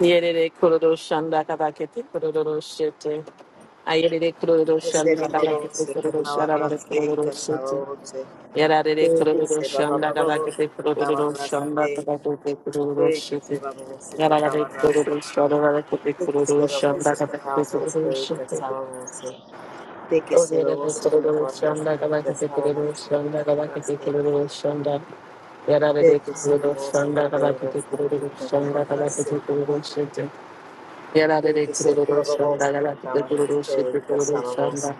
Yerere kururu şanda kadakete kururu şete. Ayerere kururu Que se şanda kadakete bababose, que kururu şarabare tabarrase, kururu que şete. sabose, Yerarere que que kururu se şanda kadakete bababose, que kururu şanda tabarrase, kadakete kururu que que şete. se babose, que Yararare tabarrase, kururu şarabare kete que que kururu se şanda babose, que kadakete tabarrase, kururu que şete. sabose, que que se Oyerere babose, que kururu şanda tabarrase, que kadakete kururu sabose, que şanda kadakete tabarrase, kururu şanda. que Yararere que se kururu babose, que şanda kadakete tabarrase, que kururu tabarrase, que que se babose, que tabarrase, que sabose, que şanda kadakete kururu şete. Yarare que se kururu shanda gala kete kururu shete kururu shanda.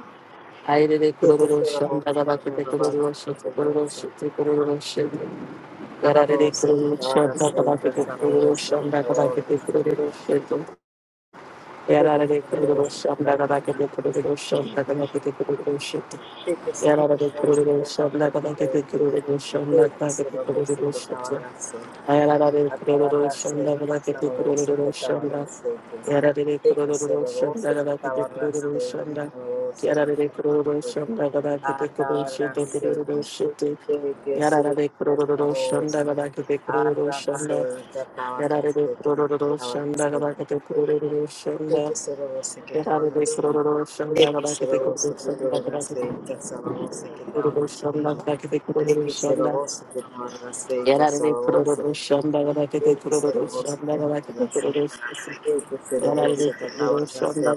Aire kururu shanda babose, gala que kete kururu tabarrase, que shete kururu tabarrase, shete kururu shete. estaba estaba Yarare kururu estaba shanda estaba gala kete estaba kururu shanda estaba gala kete kururu shete. Yarare kururu shanda estaba gala kete kururu shanda aceite, gala kete kururu shete. de que se Yarare davosi kururu que estaba shanda gala kete aceite, kururu shanda sabavosi que estaba aceite, de que se davosi gala que estaba kete aceite, de que se davosi kururu que estaba shete. aceite, Ayarare kururu ataba shanda aceite, gala sabavosi que kururu estaba shanda. aceite, Yarare de que se kororo shanda davosi que gada kete estaba kororo aceite, shanda. sabavosi Yarare kororo shanda que gada kete kororo shete kororo Acabarrase, shete. de que se Yarare kororo shanda desahogue, gada kete kororo shanda. arrase, que Yarare acabarase, que kororo acabarase, shanda gada kete kororo shanda. que se rebose, que Yarare acabarase, kororo shanda de que gada se kete kororo rebose, que te shanda gada kete verase, que acabarase, que kororo acabarase, shanda gada kete kororo que se shanda. rebose, que acabarase, que Yarare acabarase, kororo shanda gada kete de que se kororo rebose, shanda que gada te kete verase, kororo shanda. que se Yara de rebose, que Kuru acabarase, que acabarase, Shanda,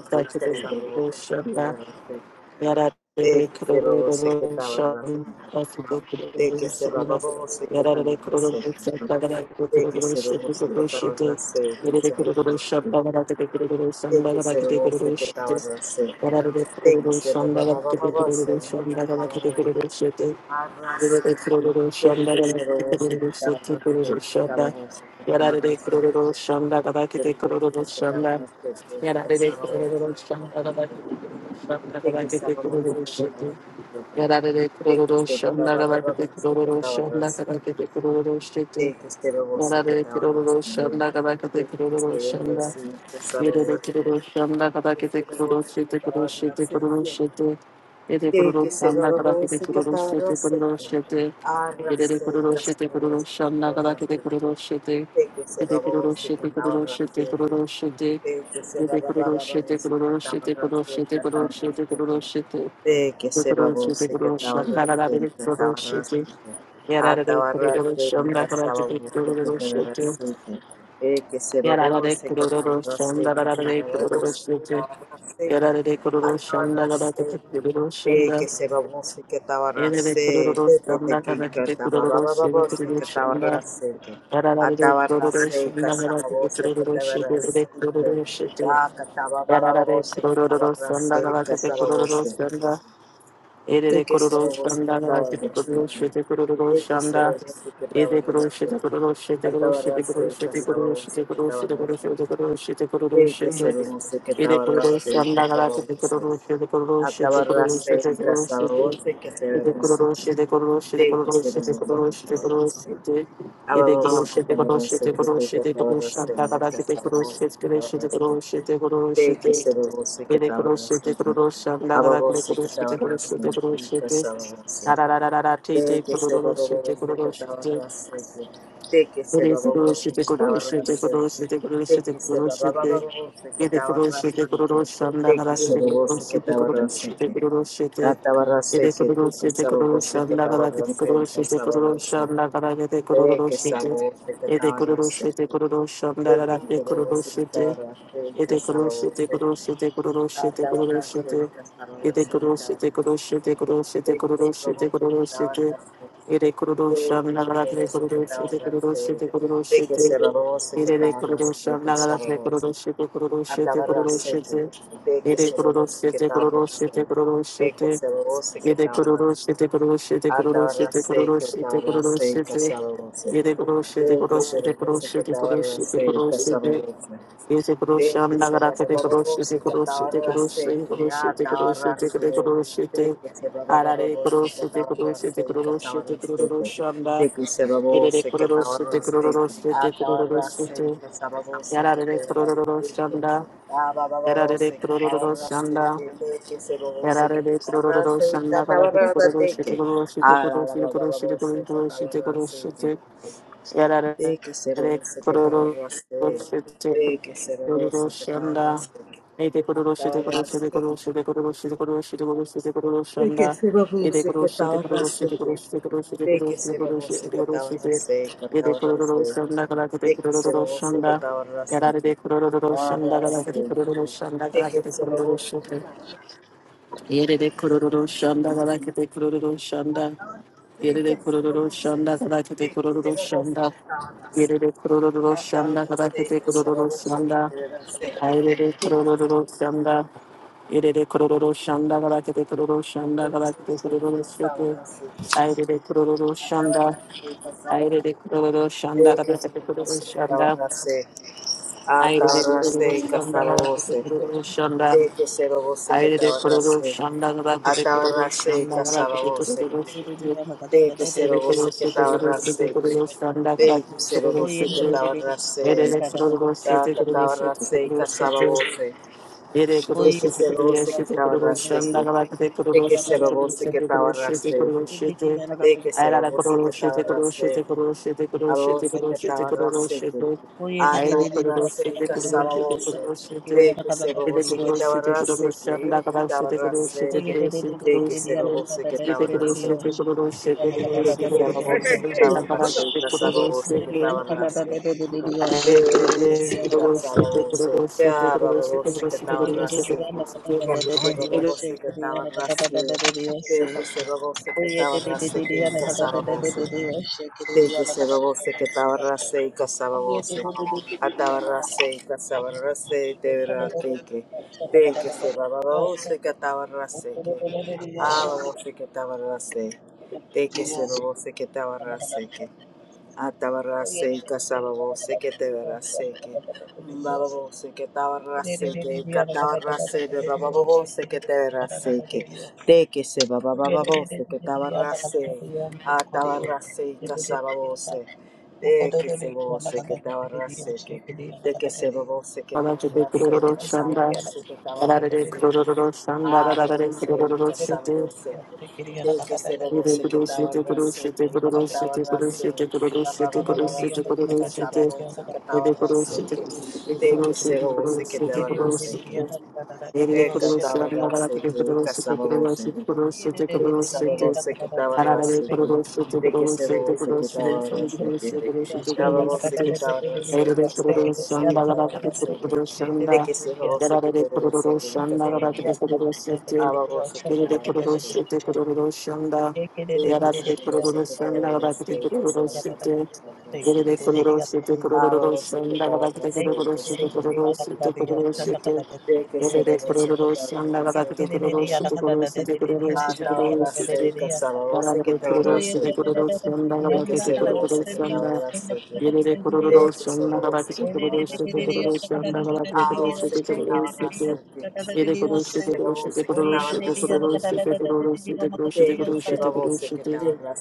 Yarare de Kururu Shanda, Kuru te shanda, verase, Yara de que Kuru se rebose, que shanda, acabarase, Kuru shanda, Kuru que se shanda, rebose, que Yara de Kuru acabarase. shanda, Kuru de que se lo shanda, goce que Kuru estaba shanda, en la seta, Yara de Kuru solamente. shanda, Kuru shanda, Kuru de shanda, que Yara se lo goce que estaba en la seta, de que se lo va, va, va, va, va, se lo estaba arrasé, de que se lo goce que estaba en la seta, estaba goce que de Kuru shanda, se Kabakite lo Kururu Shanda, Yara de Kuru Shanda, goce Kuru que estaba en Shanda, la seta, Yarare estaba goce que estaba se lo goce que estaba en la seta, de se lo va, va, va, que estaba en la seta, Te que se lo goce que te ahorras también. Te que se venga así, que se lo goce. Que se lo goce que te ahorras que. Te que se lo goce que te ahorras que. Arrase que se lo goce que te ahorras que. Te que se lo goce que te ahorras que. Te que Shanda se lo goce que te ahorras de que. te ahorras de de que se babose que tabarrase y que tabarrase que atabarrase y que sababose que tabarrase que de que se babose que tabarrase y que sababose que tabarrase que atabarrase de que se babose que tabarrase de de de que te que tababababose que tabarrase que atabarrase y que sababose que tabarrase que da que Yarare tababababose que kururu tabarrase sanda y que galakete kururu sababose sanda. de Erere que se kururu robó, se sanda que estaba en galakete los kururu shete kururu De que se sanda. robó, se que estaba Ede en kururu los şete kururu şete kururu Estaba en şete las kururu şete casaba kururu vos, şete que kururu estaba şete en kururu las şete kururu şete kururu De que se şete. robó, se que Ede estaba en las kururu sanda casaba vos. galakete kururu şete kururu şete Estaba en kururu las şete kururu casaba şete. vos, que te Ede verás. kururu shete kururu shete De este, que kururu se shete robó, se kururu que shete estaba en kururu las shete Aba Ede vos, kururu que şete estaba kururu en las şete que kururu te şete estaba kururu en şanda las galakete kururu vos, shete que kururu estaba en shete las De kururu shete kururu este, que shete se robó, se que Ele estaba en las crochete, crochão, da Aba da vos, que estaba crochete, en las crochete, crochete, vos da da da da da, de tete, que se crochete, robobos de que crochete, estaban las seque, de que he se is a guru. robobos She de is a que guru. estaban She is las a guru. seque, She de is a que se guru. She is. robobos de que He is a estaban guru. She las is a guru. seque, She de que se babos de que estaban las is a guru. She is. atabarras He de is a que guru. te She is a guru. casabos She de que estaban las de is a casabos de guru. que She is. sabos de que He is a estaban las guru. She seque, is a guru. She is a de guru. que se robobos de que She is. estaban las de He is a guru. She is a casabos de guru. She is a guru. She is. atabarras de casabos He de que is a guru. She estaban is a guru. She is a las guru. She is. He seque, is a guru. She is a de guru. que se She is a babos de que guru. She estaban is. las seque Ere kurudosha que nagalatri kurudoshi te kurudoshi te kurudoshi te. Ere re kurudosha nagalatri kurudoshi te kurudoshi te kurudoshi te. Ere kurudoshi te kurudoshi te kurudoshi te. Yede kururu se şete kururu şete kururu şete kururu şete kururu şete. Yede kururu şete kururu şete kururu şete kururu şete kururu que şete. Yede kururu Thank you, şam nagara Seba kete Baba kururu şete Bosita kururu şete Tawara kururu şete kururu Seya şete kururu Tawara şete kete Se. kururu Thank şete. you, Seba Baba Arare kururu Bosita şete kururu Tawara şete Seya kururu şete Tawara Se. kururu şam da. Thank you, Seba Yede de Bosita kururu şete Tawara kururu Seya şete kururu Tawara şete. Seya Seba Bosita Yarare de Tawara kururu Seya. Ah, Baba Yarare de Bosita kururu Tawara Seya. Thank you, Seba Era Bosita re de kuru ro Tawara ro Seya shanda kalaka de kuru Tawara ro shite Seya. kuru ro shite kuru Ah, ro Baba shite kuru Bosita ro shite Tawara kuru ro Seya. shite. Era re De que se de robose que kuru te ro ro ahorraste. shite De que se kuru ro robose que te shanda. ahorraste. que E de kuru ro te shite kuru ro shite ahorraste. kuru ro shite kuru ro shite kuru ro shite kuru ro De que shanda. se E de robose kuru ro que te shite kuru ro ahorraste. shite kuru ro shite kuru De ro que shite se kuru robose que te ro shite. ahorraste. Que E te de kuru ro ahorraste. ro shanda kalaka de De kuru que ro se ro robose que shanda te ahorraste. que kalaka de te kuru ro ro shanda ahorraste. De kalaka que de se kuru ro ro robose que shite. te ahorraste. Yere De de que se kororo robose que te shanda ahorraste. galakete kororo shanda. De Yere de kororo shanda galakete que se kororo robose shanda. que te ahorraste. Yere de kororo Adão shanda já sei galakete que será kororo shanda. que Yere de sei que será kororo shanda. Yere de kororo shanda galakete kororo shanda que galakete será kororo você, estava shete. na seca, Yere de kororo estava shanda. na seca, estava você, sei Yere que de kororo será shanda galakete você kororo que estava shanda. na seca, ah, Yere de estava na kororo seca, shanda estava galakete kororo shanda. que será você que Aire de estava na kororo seca, shanda gada ah, kete estava kororo na shanda seca, gada estava kete você, kororo sete. sei que Aire será de kororo que sete estava kororo na sete seca, kororo shanda gada que kete será kororo você que sete. estava na Aire de seca. kororo sete Taca kororo tabarra sete kororo seca sete. sababose. Yere Este kuruşu se tekrar roce que yaşıtı estaba kuruşan da seca. galak te de que kuruşu se te babose kuruşu que te kuruşu te tabarrase, kuruşu te de que se Ayara babose que kuruşu te kuruşu te tabarrase, kuruşu te kuruşu te abose que kuruşu te kuruşu tabarrase que, te Ayrı kuruşu atabarrase te que kuruşu te sababose, kuruşu te de que se Yere babose que kuruşu te tabarrase kuruşan da que, que galak te kuruşu te tabarrase, kuruşu de que kuruşu se te babose que Yere kuruşu tabarrase, te kuruşu te kuruşu te de que se babose que kuruşu tabarrase, te que kuruşu sababose que te tabarrase, Thank you. De Shanda, que se robó, se babose que estaba raseke. Atabarase kasababose que te verase que bababose que tabarase que catabarase de bababose que te verase que te que se babababose que tabarase atabarase kasababose de que se babose que tabarase que de que se babose que tabarase kasababose que tabarase que ababose kasababose te que se Shanda, robo se que estaba rase, que rica estaba rase, ba ba ba ba ba ba se que cazaba se que estaba rase, que te que se robo se que estaba rase, que rica estaba rase, que rica saba se, te que saba se que estaba rase, que te que se robo se que estaba rase, que estaba se que estaba rase, que saba se que estaba rase, que te que se robo se que estaba rase, que rica saba se, aba se que estaba rase. Thank que Sir. Yarabbi We'll sit with Kururushan, our Lord's Nagabakti sake, and so on Kururusite, so so Yerebe Kururusite, Ah, we'll sit Kururushan, with our Nagabakti Lord's sake, and so Kururusite, on Kururusite, and so on. Kururusite, Thank you, Sir. Yerebe Kururushan, Nagabakti so Kururusite, Kururusite, Ah, Kururusite, our Lord's Kururusite, sake, and so on. We'll sit Yarabbi with our Lord's Kururusite, sake. Kururushan, Thank you, Nagabakti Sir. We'll sit with Kururushan, our Lord's Yerebe Kururushan, Nagabakti Kururusite, Kururushan, Nagabakti Ah, we'll Kururusite, sit with our Lord's Kururusite, sake. Ele Thank you, conosce, te Sir. conosce, We'll te sit with our conosce, te Lord's conosce, sake. te conosce, te conosce, te conosce, te conosce, te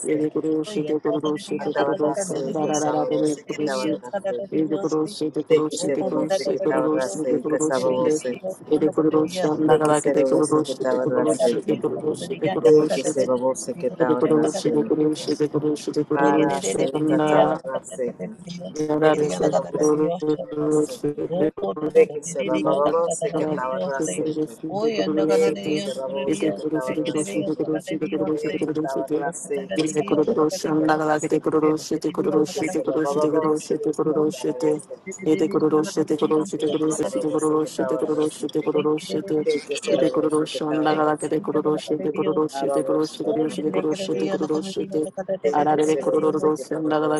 Ele conosce, te conosce, te conosce, Atabarrase, tararara, ele Casabose, que conosce. Tabarrase, Ele conosce, te de que conosce, se te robose, que conosce, conosce, Tabarrase, te y conosce, te Casabose, Ele conosce, anda de que cada que se te robose, que conosce, te Tabarrase, conosce, te conosce, te de que conosce, se te robose, que Ele conosce, te Tabarrase, conosce, te conosce, te para conosce, se anda. Casabarrase, de que Arare de se robose, kororo que Tabarrase, shanda de que se la robose, que Tabarrase, de que se robose, que Tabarrase, de que Tabarrase, y Casabose, que Tabarrase, de que se robose, Tekeserobose ketawarase te. Tekeserobose ketawarase. Arabose ketawarase. Tekeserobose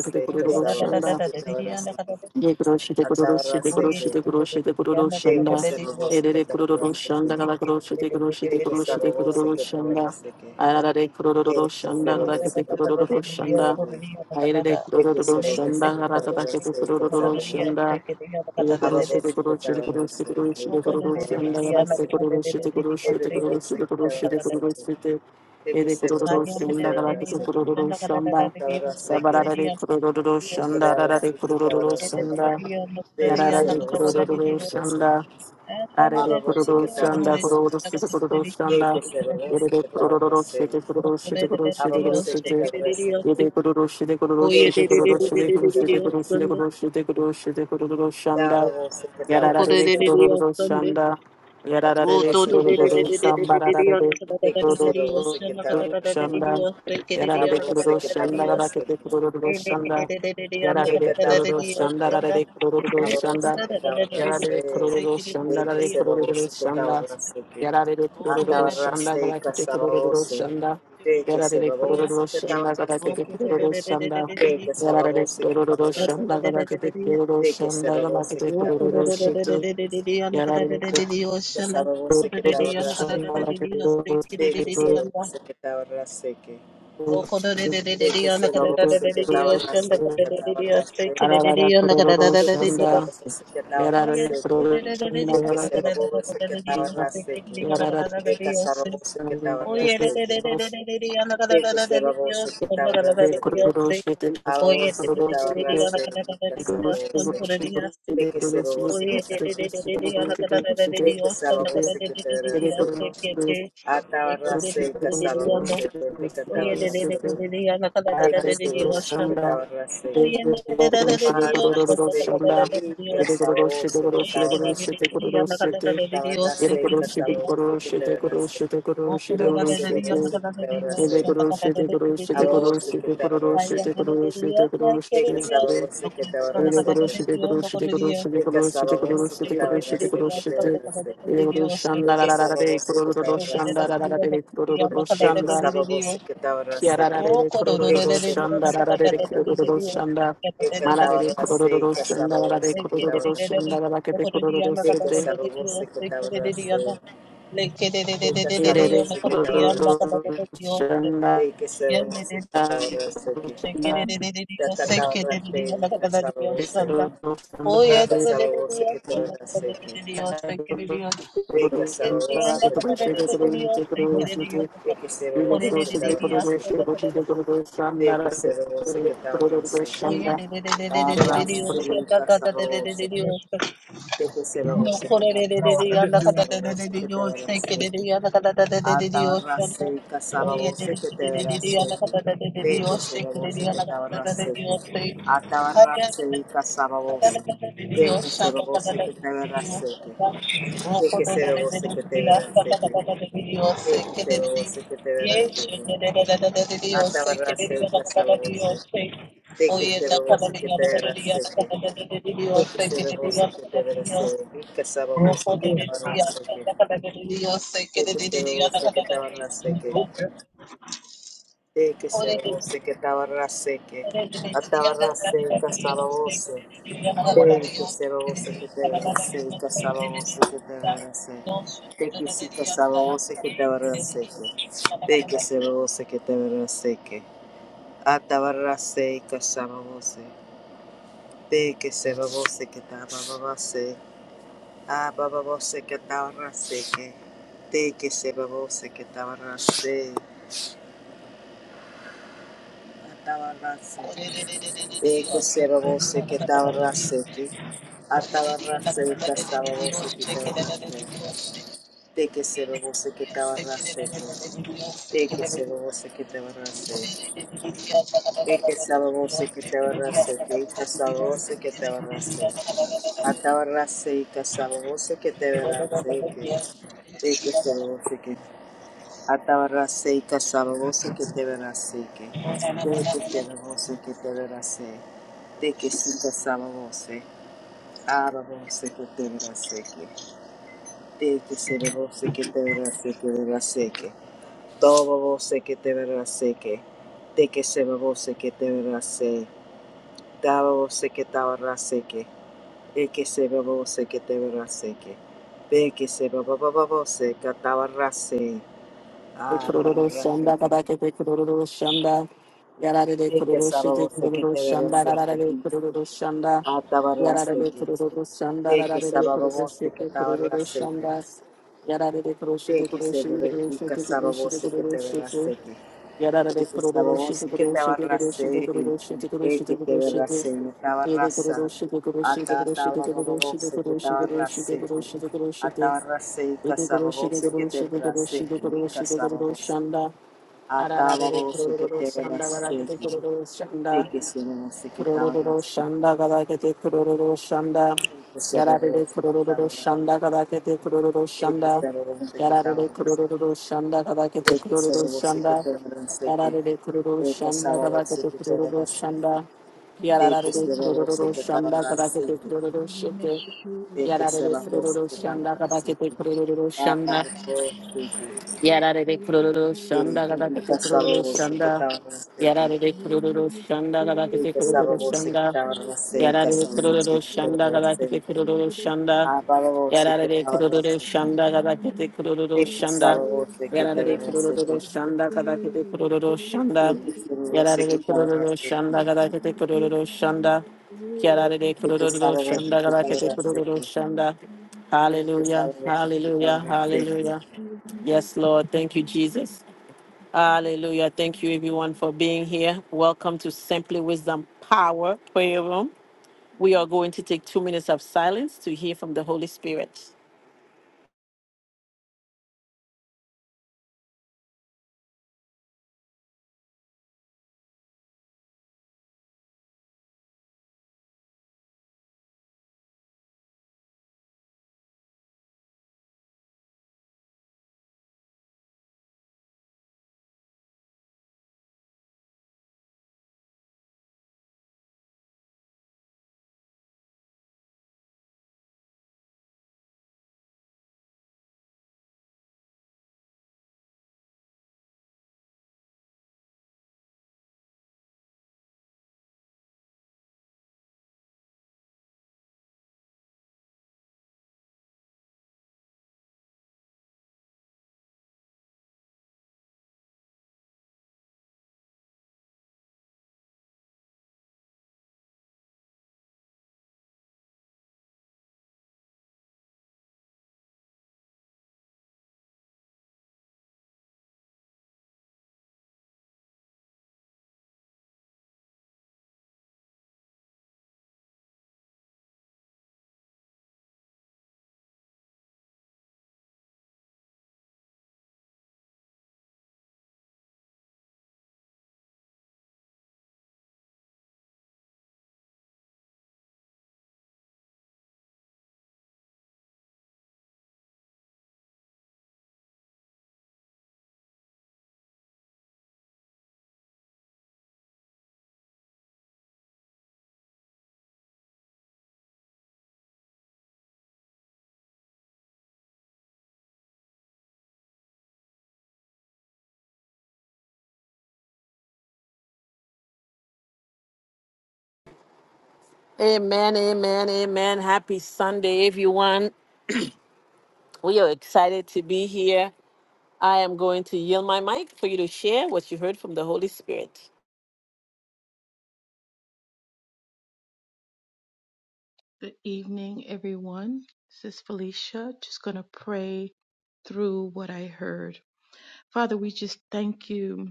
kete kororo shanda Kesarobose ketawarase te. Ye kuroshi de kuroshi de Atawarase te. kuroshi de kuroshi de kuroshanda. Tekeserobose Erere ketawarase te. kuroshanda gala kuroshi de kuroshi de kuroshi de Tekesarobose kuroshanda. ketawarase te. Arara de kuroshanda gala Tekeserobose kete ketawarase kuroshanda. te. Aire de Tekeserobose kuroshanda gala kata kete ketawarase kesarobose. kuroshanda. Ere kuroshi de Arabose kuroshi de kuroshi de ketawarase te. kuroshi de kuroshanda gala Kesarobose se te. kuroshi de kuroshi de kuroshi Tekeserobose de kuroshi de ketawarase te. kuroshi de. de que Ere se babose que te kuroshanda gala kete abrace que kuroshanda. te abrace que Rabarare kurururu que te shanda, rarare abrace que te kurururu abrace que shanda, de que se yararare babose que te kurururu abrace shanda, arare ababose kururu que te shanda, abrace kururu shite kururu de que shanda, se babose yerere que te kurururu abrace shite kururu shite kururu shite kururu ababose que te shite, abrace que yere kururu shite kururu de shite que se kururu shite babose que kururu te shite kururu shite abrace kururu shite kururu shite kururu de shanda, ababose que te abrace Yararare que kururu shanda. Yararare ababose que te kururu abrace shamba que rarare de que se kururu babose que te abrace que shanda. Yararare kururu ababose que te shanda abrace rakete que kururu shanda. de Yararare que te kururu abrace shanda rarare kururu Abarose shanda. que Yararare tabarrase, kururu shanda de que rarare se kururu rabose que shanda. tabarrase que, Yararare kururu shanda atabarrase y rakete kururu casabarose, shanda. de que se Yararare rabose kururu que shanda tabarrase rakete kururu shanda. que, de que Yarare sababose que kororo tabarrase, shanda galakete kororo de que se shanda rabose galakete que kororo tabarrase que, shete. Yarare de que sababose que kororo tabarrase shanda que, galakete kororo de que se rabose que tabarrase que, shete de que se kororo shete rabose que kororo tabarrase shete. que tabarrase, Ararara kororo de que se shanda. rabose que Yarare tabarrase que, kororo shanda de que se galakete rabose que shanda. tabarrase que, Yararare Eka sarabose que shanda galakete tabarrasete, kororo shete. teke sarabose que Yarare tabarrasete, kororo shete kororo shete. alabose que Kororo shete tabarrasete, nika kororo sarabose, shete teke kororo shete kororo sarabose que tabarrasete, teke sarabose que tabarrasete, Shit, atabarrasete, ika sarabose que teka tabarrasete, teke sarabose que tabarrasete, barrasete, ika sarabose que tabarrasete, tabarrasete, ika sarabose que tabarrasete, teke sarabose que tabarrasete, Abaoso que te abrazo, que te abrazo, que te abrazo, que te Shanda abrazo, que te abrazo, que te que te abrazo, que te abrazo, que te abrazo, que te abrazo, que te abrazo, que te abrazo, que te abrazo, que te que te abrazo, que te abrazo, que te abrazo, que te que te abrazo, que te que te abrazo, que te abrazo, Reka Sabavosa Katavanaseki, Yarare de kuru şete kuru Reka şete Sabavosa kuru şete Katavanaseki, kuru Reka Sabavosa Katavanaseki, Reka Sabavosa Katavanaseki, Arase Reka Sabavosa, Reka Sabavosa Katavanaseki, Reka Sabavosa que te Atavarase Reka Sabavosa Katavanaseki, Reka Sabavosa que te Atavarase Reka Sabavosa, Reka Sabavosa Katavanaseki, Tekesero boseketevera seke. Tekesero boseketevera seke. Atavara seke sabose. Tekesero boseketevera seke. Tekesero boseketevera seke. Rika sabose ketavara seke. Tekesero boseketavara seke. Tekesero boseketavara seke. Atavara seke sabose. Te que se lo goce que te verase, y casaba goce que te verase. Te que si casaba goce que te verase. Te que se lo goce que te verase que. Ata verase y casaba goce. Te que se lo goce que te verase. A baba goce que te verase que. Te que se lo que te verase. Ata verase. Te que se lo goce que te verase que. Ata verase y casaba que te verase. De que se babose que te abarracete. De que se babose que te abarracete. De que se babose que te abarracete. Y que se babose que te abarracete. Atabarracete y que se babose que te abarracete. De que se que. Atabarracete y que se babose que te abarracete. De que se babose que te abarracete. De que se que se babose. Ababose que te abarracete. De que se babose que te abarracete. abarracete. Todo se que te verá se que. De que se va se que te verá se. Daba se que te verá se que. E que se va se que te verá se que. De que se va se que te verá se. Ah, te verá se que. De que se va se que te verá se que. Ah, te verá se que. De que se va se que te verá se que. De que se va şete se que kuru te verá şete se que. Yararare Ese sábado kororoshite sí que te koroshite koroshite abarracé, koroshite eh, koroshite que te koroshite abarracé, no te ede abarraza. koroshite koroshite Ata koroshite sábado koroshite koroshite sí que te koroshite abarracé, koroshite koroshite ata abarracé, ede casábado koroshite sí que te koroshite abarracé, koroshite koroshite casábado sí. koroshanda Ata ararare sábado sí que te kororoshanda abarracé, varagite koroshanda sí que se lo sí que te Kurururu abarracé, shanda kadakete kurururu shanda. sí que se lo Yararere sí que te kurururu abarracé, shanda kadakete kurururu sí que shanda. se lo sí que te Yararere abarracé, kurururu shanda kadakete sí que kurururu se lo sí que shanda. te abarracé, que Yararere kurururu eh, shanda casábado sí kadakete que te kurururu abarracé, shanda. Thank de que Yararere se la voce kurururu que estaba shanda kadakete aceite, kurururu shete. de que se Yararere la voce kurururu que estaba shanda kadakete aceite, kurururu para shanda. los aceite, Yarare de kururu de shanda que galakete casaba kururu voce que shanda. estaba aceite, Yarare de kururu shanda de galakete que casaba kururu voce que shanda. estaba aceite, Yarare de casaba voce kururu que shanda estaba galakete aceite, kururu shanda. para voce Yarare que de estaba kururu aceite, shanda galakete kururu de que shanda. casaba voce que Yarare estaba de kururu aceite, shanda galakete kururu shanda. de que se la voce Yarare que de estaba kururu aceite, shanda galakete kururu shanda. Yarare de de que kururu casaba shanda voce que estaba galakete kururu aceite, shanda. you. de que Hallelujah, casaba voce que estaba hallelujah, aceite. hallelujah. Yes, Lord. Thank you, Jesus. Hallelujah. Thank you, everyone, for being here. Welcome to Simply Wisdom Power Prayer Room. We are going to take two minutes of silence to hear from the Holy Spirit. Amen, amen, amen. Happy Sunday, everyone. We are excited to be here. I am going to yield my mic for you to share what you heard from the Holy Spirit. Good evening, everyone. This is Felicia. Just going to pray through what I heard. Father, we just thank you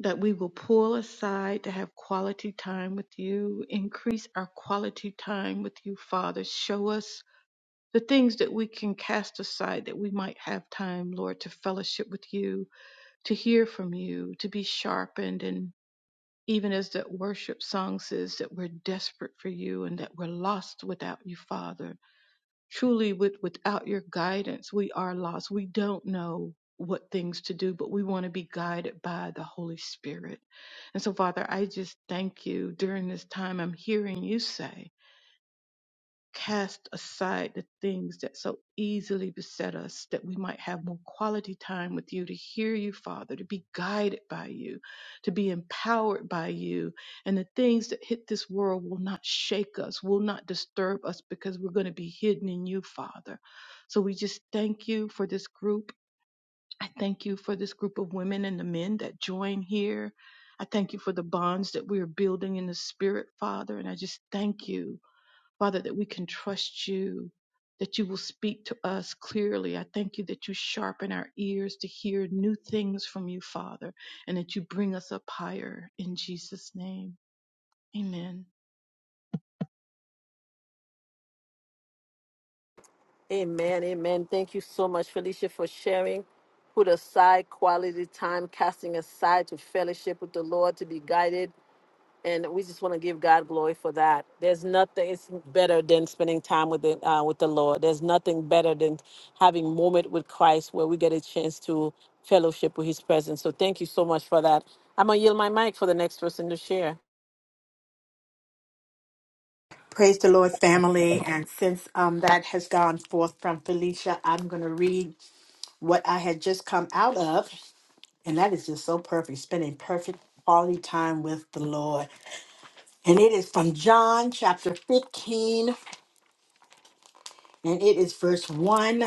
that we will pull aside to have quality time with you. Increase our quality time with you, Father. Show us the things that we can cast aside that we might have time, Lord, to fellowship with you, to hear from you, to be sharpened and. even as that worship song says that we're desperate for you and that we're lost without you, Father. Truly, with, without your guidance, we are lost. We don't know what things to do, but we want to be guided by the Holy Spirit. And so, Father, I just thank you during this time. I'm hearing you say, cast aside the things that so easily beset us, that we might have more quality time with you, to hear you, Father, to be guided by you, to be empowered by you. And the things that hit this world will not shake us, will not disturb us, because we're going to be hidden in you, Father. So we just thank you for this group. I thank you for this group of women and the men that join here. I thank you for the bonds that we are building in the spirit, Father, and I just thank you Father, that we can trust you, that you will speak to us clearly. I thank you that you sharpen our ears to hear new things from you, Father, and that you bring us up higher in Jesus' name. Amen. Amen, amen. Thank you so much, Felicia, for sharing. Put aside quality time, casting aside to fellowship with the Lord to be guided. And we just want to give God glory for that. There's nothing it's better than spending time with the, uh, with the Lord. There's nothing better than having moment with Christ where we get a chance to fellowship with His presence. So thank you so much for that. I'm gonna yield my mic for the next person to share. Praise the Lord, family. And since um, that has gone forth from Felicia, I'm going to read what I had just come out of. And that is just so perfect, spending perfect quality time with the Lord. And it is from John chapter 15, and it is verse 1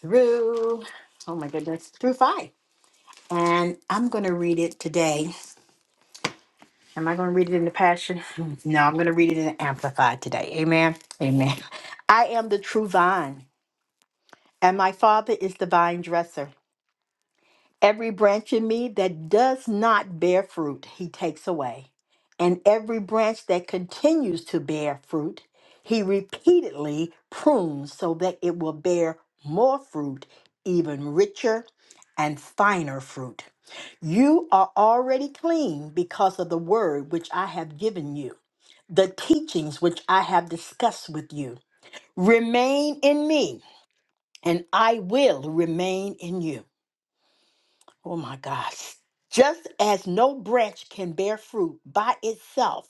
through, oh my goodness, through 5. And I'm going to read it today. Am I going to read it in the Passion? No, I'm going to read it in the Amplified today. Amen. Amen. I am the true vine And my Father is the vine dresser. Every branch in me that does not bear fruit, he takes away. And every branch that continues to bear fruit, he repeatedly prunes so that it will bear more fruit, even richer and finer fruit. You are already clean because of the word which I have given you, the teachings which I have discussed with you. Remain in me, and I will remain in you. Oh my gosh. Just as no branch can bear fruit by itself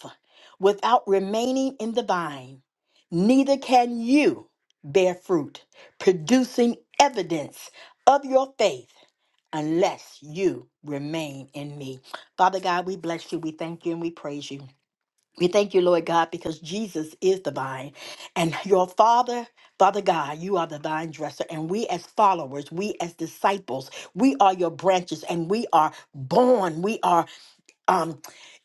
without remaining in the vine, neither can you bear fruit, producing evidence of your faith unless you remain in me. Father God, we bless you, we thank you, and we praise you. We thank you, Lord God, because Jesus is the vine. And your Father, Father God, you are the vine dresser. And we, as followers, we, as disciples, we are your branches and we are born. We are Um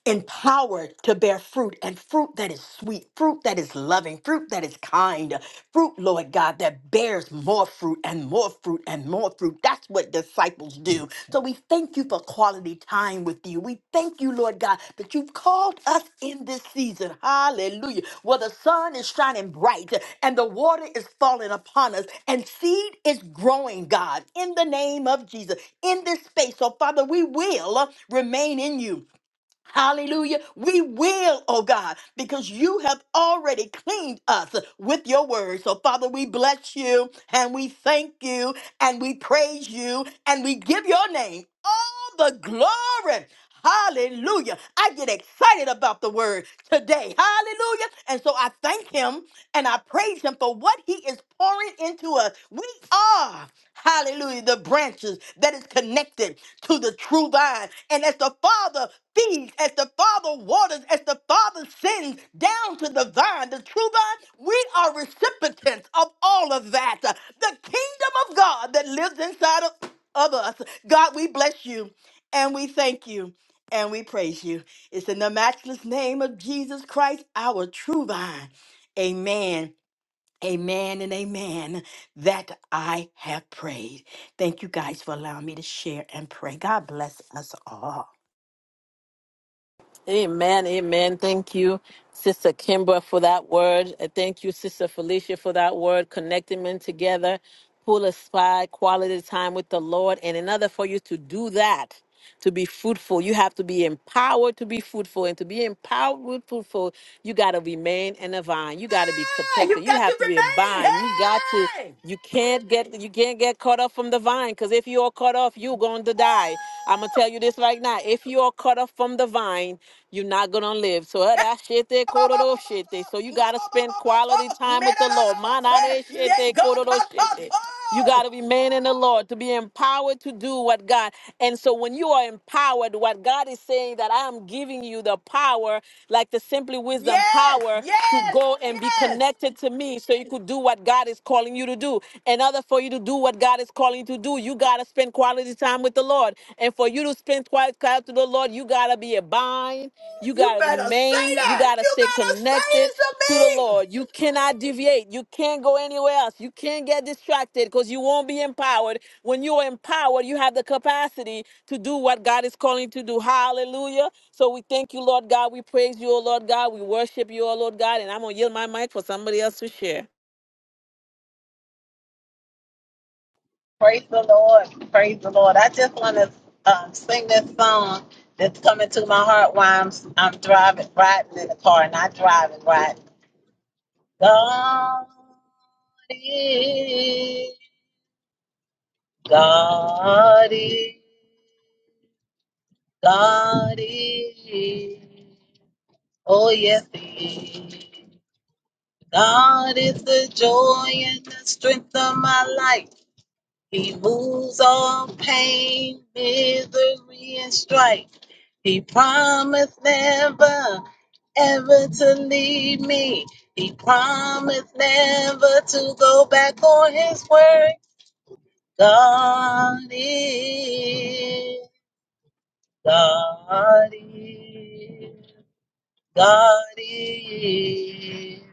empowered to bear fruit and fruit that is sweet, fruit that is loving, fruit that is kind, fruit, Lord God, that bears more fruit and more fruit and more fruit. That's what disciples do. So we thank you for quality time with you. We thank you, Lord God, that you've called us in this season. Hallelujah. Where the sun is shining bright and the water is falling upon us and seed is growing, God, in the name of Jesus, in this space. So, Father, we will remain in you. Hallelujah. We will, oh God, because you have already cleaned us with your word. So, Father, we bless you and we thank you and we praise you and we give your name all the glory. Hallelujah. I get excited about the word today. Hallelujah. And so I thank him and I praise him for what he is pouring into us. We are, hallelujah, the branches that is connected to the true vine. And as the Father feeds, as the Father waters, as the Father sends down to the vine, the true vine, we are recipients of all of that. The kingdom of God that lives inside of, of us. God, we bless you and we thank you and we praise you. It's in the matchless name of Jesus Christ, our true vine. Amen Amen and amen that I have prayed. Thank you guys for allowing me to share and pray. God bless us all. Amen, amen. Thank you, Sister Kimbra, for that word. And Thank you, Sister Felicia, for that word, connecting men together, pull aside quality time with the Lord. And in order for you to do that, to be fruitful, you have to be empowered to be fruitful. And to be empowered with fruitful, you got to remain in a vine. You got to be Ah, You protected. You got to have to be a remain. vine. You got to. Hey! You can't get you can't get cut off from the vine because if you are cut off, you're going to die. I'm gonna tell you this right now. If you are cut off from the vine, you're not gonna live. So eh, that shit they kororo shit they. So you gotta spend quality time with the Lord. Man, ah, that Yeah, shit they God, kororo ta, shit ta, they. You ta. got to remain in the Lord to be empowered to do what God. And so when you are empowered, what God is saying that I am giving you the power, like the simply wisdom Yes, power to yes, go and be yes. connected to me so you could do what God is calling you to do. In order for you to do what God is calling you to do, you got to spend quality time with the Lord. And for you to spend quality time with the Lord, you got to be a bind. You You got to better say remain, you that. got to You stay better say connected it to to the me. Lord. You cannot deviate. You can't go anywhere else. You can't get distracted because you won't be empowered. When you are empowered, you have the capacity to do what God is calling you to do. Hallelujah. So we thank you, Lord God. We praise you, O Lord God. We worship you, O Lord God. And I'm going to yield my mic for somebody else to share. Praise the Lord. Praise the Lord. I just want to um, sing this song that's coming to my heart while I'm, I'm driving, riding in the car, not driving, riding. God is, God is, God is. Oh, yes, He is. God is the joy and the strength of my life. He moves all pain, misery, and strife. He promised never ever to leave me. He promised never to go back on his word. God is, God is, God is.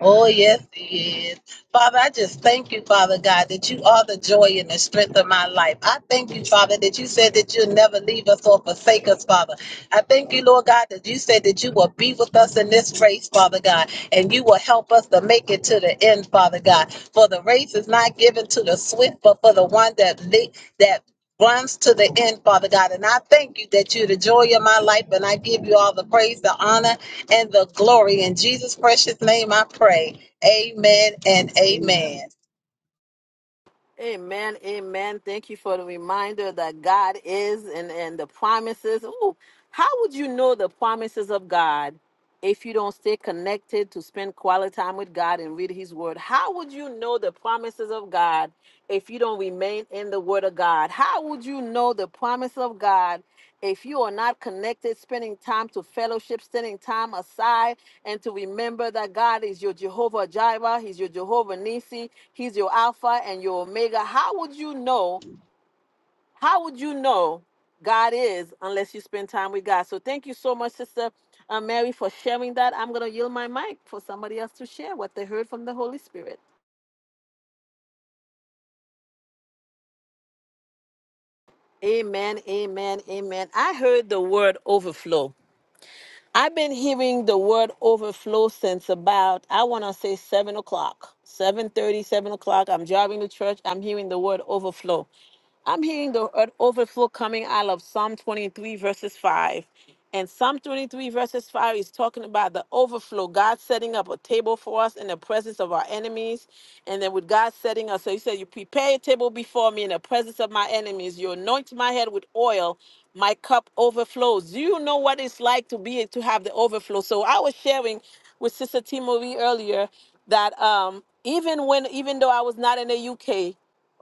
Oh, yes, he is. Father, I just thank you, Father God, that you are the joy and the strength of my life. I thank you, Father, that you said that you'll never leave us or forsake us, Father. I thank you, Lord God, that you said that you will be with us in this race, Father God, and you will help us to make it to the end, Father God. For the race is not given to the swift, but for the one that li- that runs to the end, Father God. And I thank you that you're the joy of my life, and I give you all the praise, the honor and the glory. In Jesus' precious name, I pray. Amen and amen. Amen, amen. Thank you for the reminder that God is and, and the promises. Ooh, how would you know the promises of God if you don't stay connected to spend quality time with God and read His Word? How would you know the promises of God if you don't remain in the Word of God? How would you know the promise of God if you are not connected, spending time to fellowship, spending time aside, and to remember that God is your Jehovah Jireh, He's your Jehovah Nissi. He's your Alpha and your Omega. How would you know? How would you know God is unless you spend time with God? So thank you so much, Sister uh, Mary, for sharing that. I'm going to yield my mic for somebody else to share what they heard from the Holy Spirit. Amen, amen, amen. I heard the word overflow. I've been hearing the word overflow since about, I want to say 7 o'clock, seven thirty, seven o'clock. I'm driving to church. I'm hearing the word overflow I'm hearing the o- overflow coming out of Psalm 23, verses 5. And Psalm 23, verses 5 is talking about the overflow, God setting up a table for us in the presence of our enemies. And then with God setting us, so He said, You prepare a table before me in the presence of my enemies. You anoint my head with oil. My cup overflows. Do you know what it's like to be to have the overflow? So I was sharing with Sister T. Marie earlier that um, even when even though I was not in the UK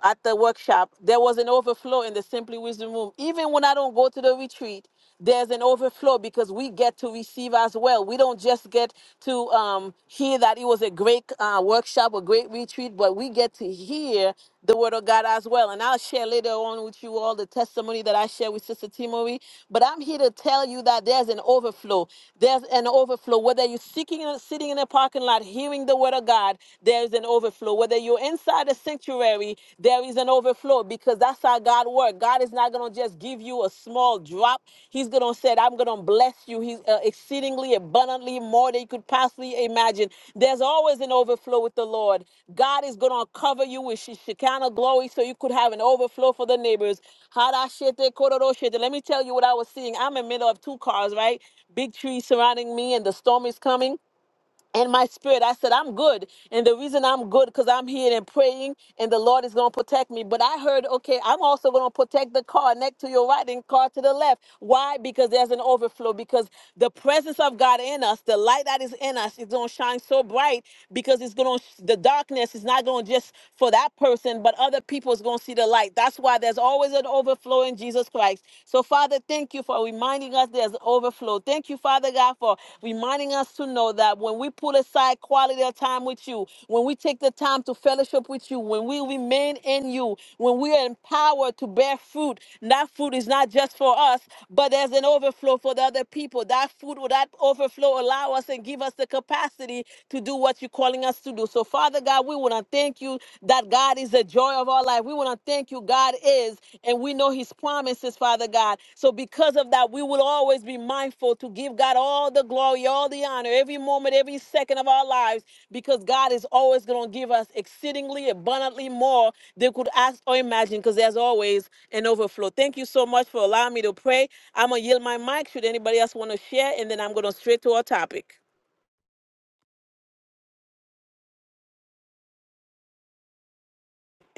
at the workshop, there was an overflow in the Simply Wisdom room. Even when I don't go to the retreat, there's an overflow because we get to receive as well. We don't just get to um, hear that it was a great uh, workshop, a great retreat, but we get to hear the word of God as well. And I'll share later on with you all the testimony that I share with Sister Timori. But I'm here to tell you that there's an overflow. There's an overflow. Whether you're seeking, sitting in a parking lot hearing the word of God, there's an overflow. Whether you're inside the sanctuary, there is an overflow because that's how God works. God is not going to just give you a small to drop. He's going to say, I'm going to bless you. He's uh, exceedingly abundantly more than you could possibly imagine. There's always an overflow with the Lord. God is going to cover you with She- Shekinah glory so you could have an overflow for the neighbors. Harashete kororoshete. Let me tell you what I was seeing. I'm in the middle of two cars, right? Big trees surrounding me, and the storm is coming and my spirit. I said, I'm good. And the reason I'm good, because I'm here and praying, and the Lord is going to protect me. But I heard, okay, I'm also going to protect the car next to your right and car to the left. Why? Because there's an overflow. Because the presence of God in us, the light that is in us, is going to shine so bright because it's going to, the darkness is not going to just for that person, but other people is going to see the light. That's why there's always an overflow in Jesus Christ. So, Father, thank you for reminding us. there's there's overflow. Thank you, Father God, for reminding us to know that when we put aside quality of time with you, when we take the time to fellowship with you, when we remain in you, when we are empowered to bear fruit, that fruit is not just for us, but there's an overflow for the other people. That fruit will that overflow allow us and give us the capacity to do what you're calling us to do. So, Father God, we want to thank you that God is the joy of our life. We want to thank you, God is and we know his promises, Father God. So because of that, we will always be mindful to give God all the glory, all the honor, every moment, every second of our lives, because God is always going to give us exceedingly abundantly more than we could ask or imagine, because there's always an overflow. Thank you so much for allowing me to pray. I'm going to yield my mic should anybody else want to share, and then I'm going to straight to our topic.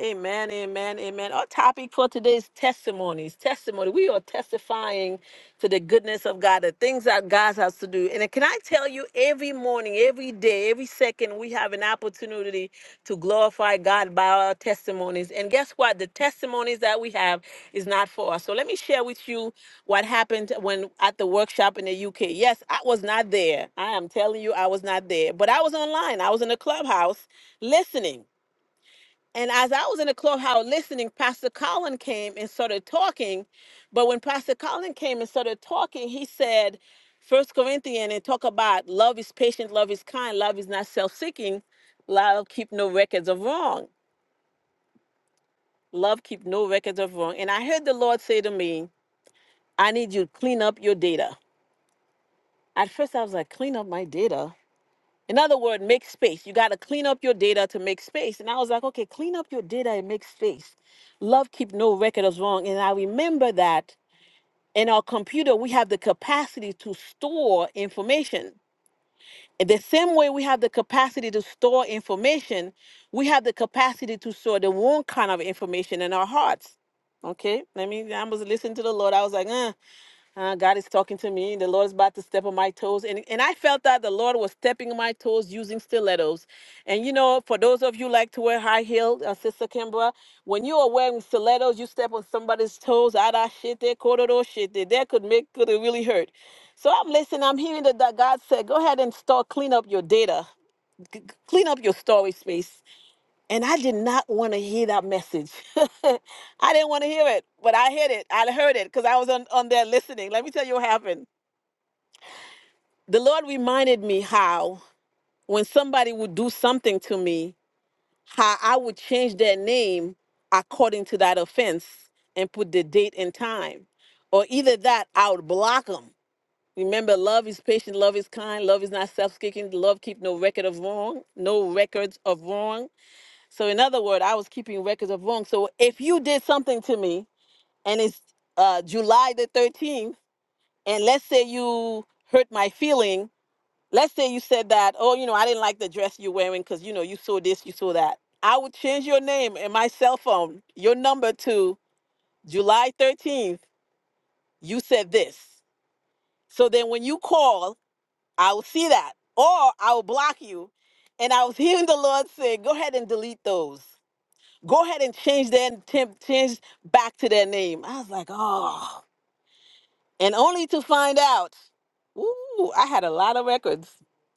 Amen, amen, amen. Our topic for today is testimonies. Testimony. We are testifying to the goodness of God, the things that God has to do. And can I tell you, every morning, every day, every second, we have an opportunity to glorify God by our testimonies. And guess what? The testimonies that we have is not for us. So let me share with you what happened when at the workshop in the UK. Yes, I was not there. I am telling you, I was not there, but I was online. I was in the clubhouse listening and as I was in the clubhouse listening, Pastor Colin came and started talking. But when Pastor Colin came and started talking, he said, First Corinthians and talk about love is patient, love is kind, love is not self-seeking, love keep no records of wrong. Love keep no records of wrong. And I heard the Lord say to me, I need you to clean up your data. At first I was like, clean up my data. In other words, make space. You got to clean up your data to make space. And I was like, okay, clean up your data and make space. Love keep no record of wrong. And I remember that in our computer, we have the capacity to store information. In the same way we have the capacity to store information, we have the capacity to store the wrong kind of information in our hearts. Okay, I mean, I was listening to the Lord. I was like, "Uh." Uh, God is talking to me. The Lord is about to step on my toes. And, and I felt that the Lord was stepping on my toes using stilettos. And you know, for those of you like to wear high heel, uh, Sister Kimbra, when you are wearing stilettos, you step on somebody's toes, ah, that shit, there, kororo shit, there, that could make, could it really hurt. So I'm listening, I'm hearing that, that God said, go ahead and start, clean up your data, c- c- clean up your storage space. And I did not want to hear that message. I didn't want to hear it, but I heard it. I heard it because I was on, on there listening. Let me tell you what happened. The Lord reminded me how when somebody would do something to me, how I would change their name according to that offense and put the date and time. Or either that, I would block them. Remember, love is patient, love is kind, love is not self-seeking, love keep no record of wrong, no records of wrong So in other words, I was keeping records of wrong. So if you did something to me and it's uh, July the 13th, and let's say you hurt my feeling, let's say you said that, oh, you know, I didn't like the dress you're wearing because, you know, you saw this, you saw that. I would change your name in my cell phone, your number to July 13th, you said this. So then when you call, I will see that or I will block you. And I was hearing the Lord say, go ahead and delete those go ahead and change their temp, change back to their name. I was like, oh, and only to find out, ooh, I had a lot of records.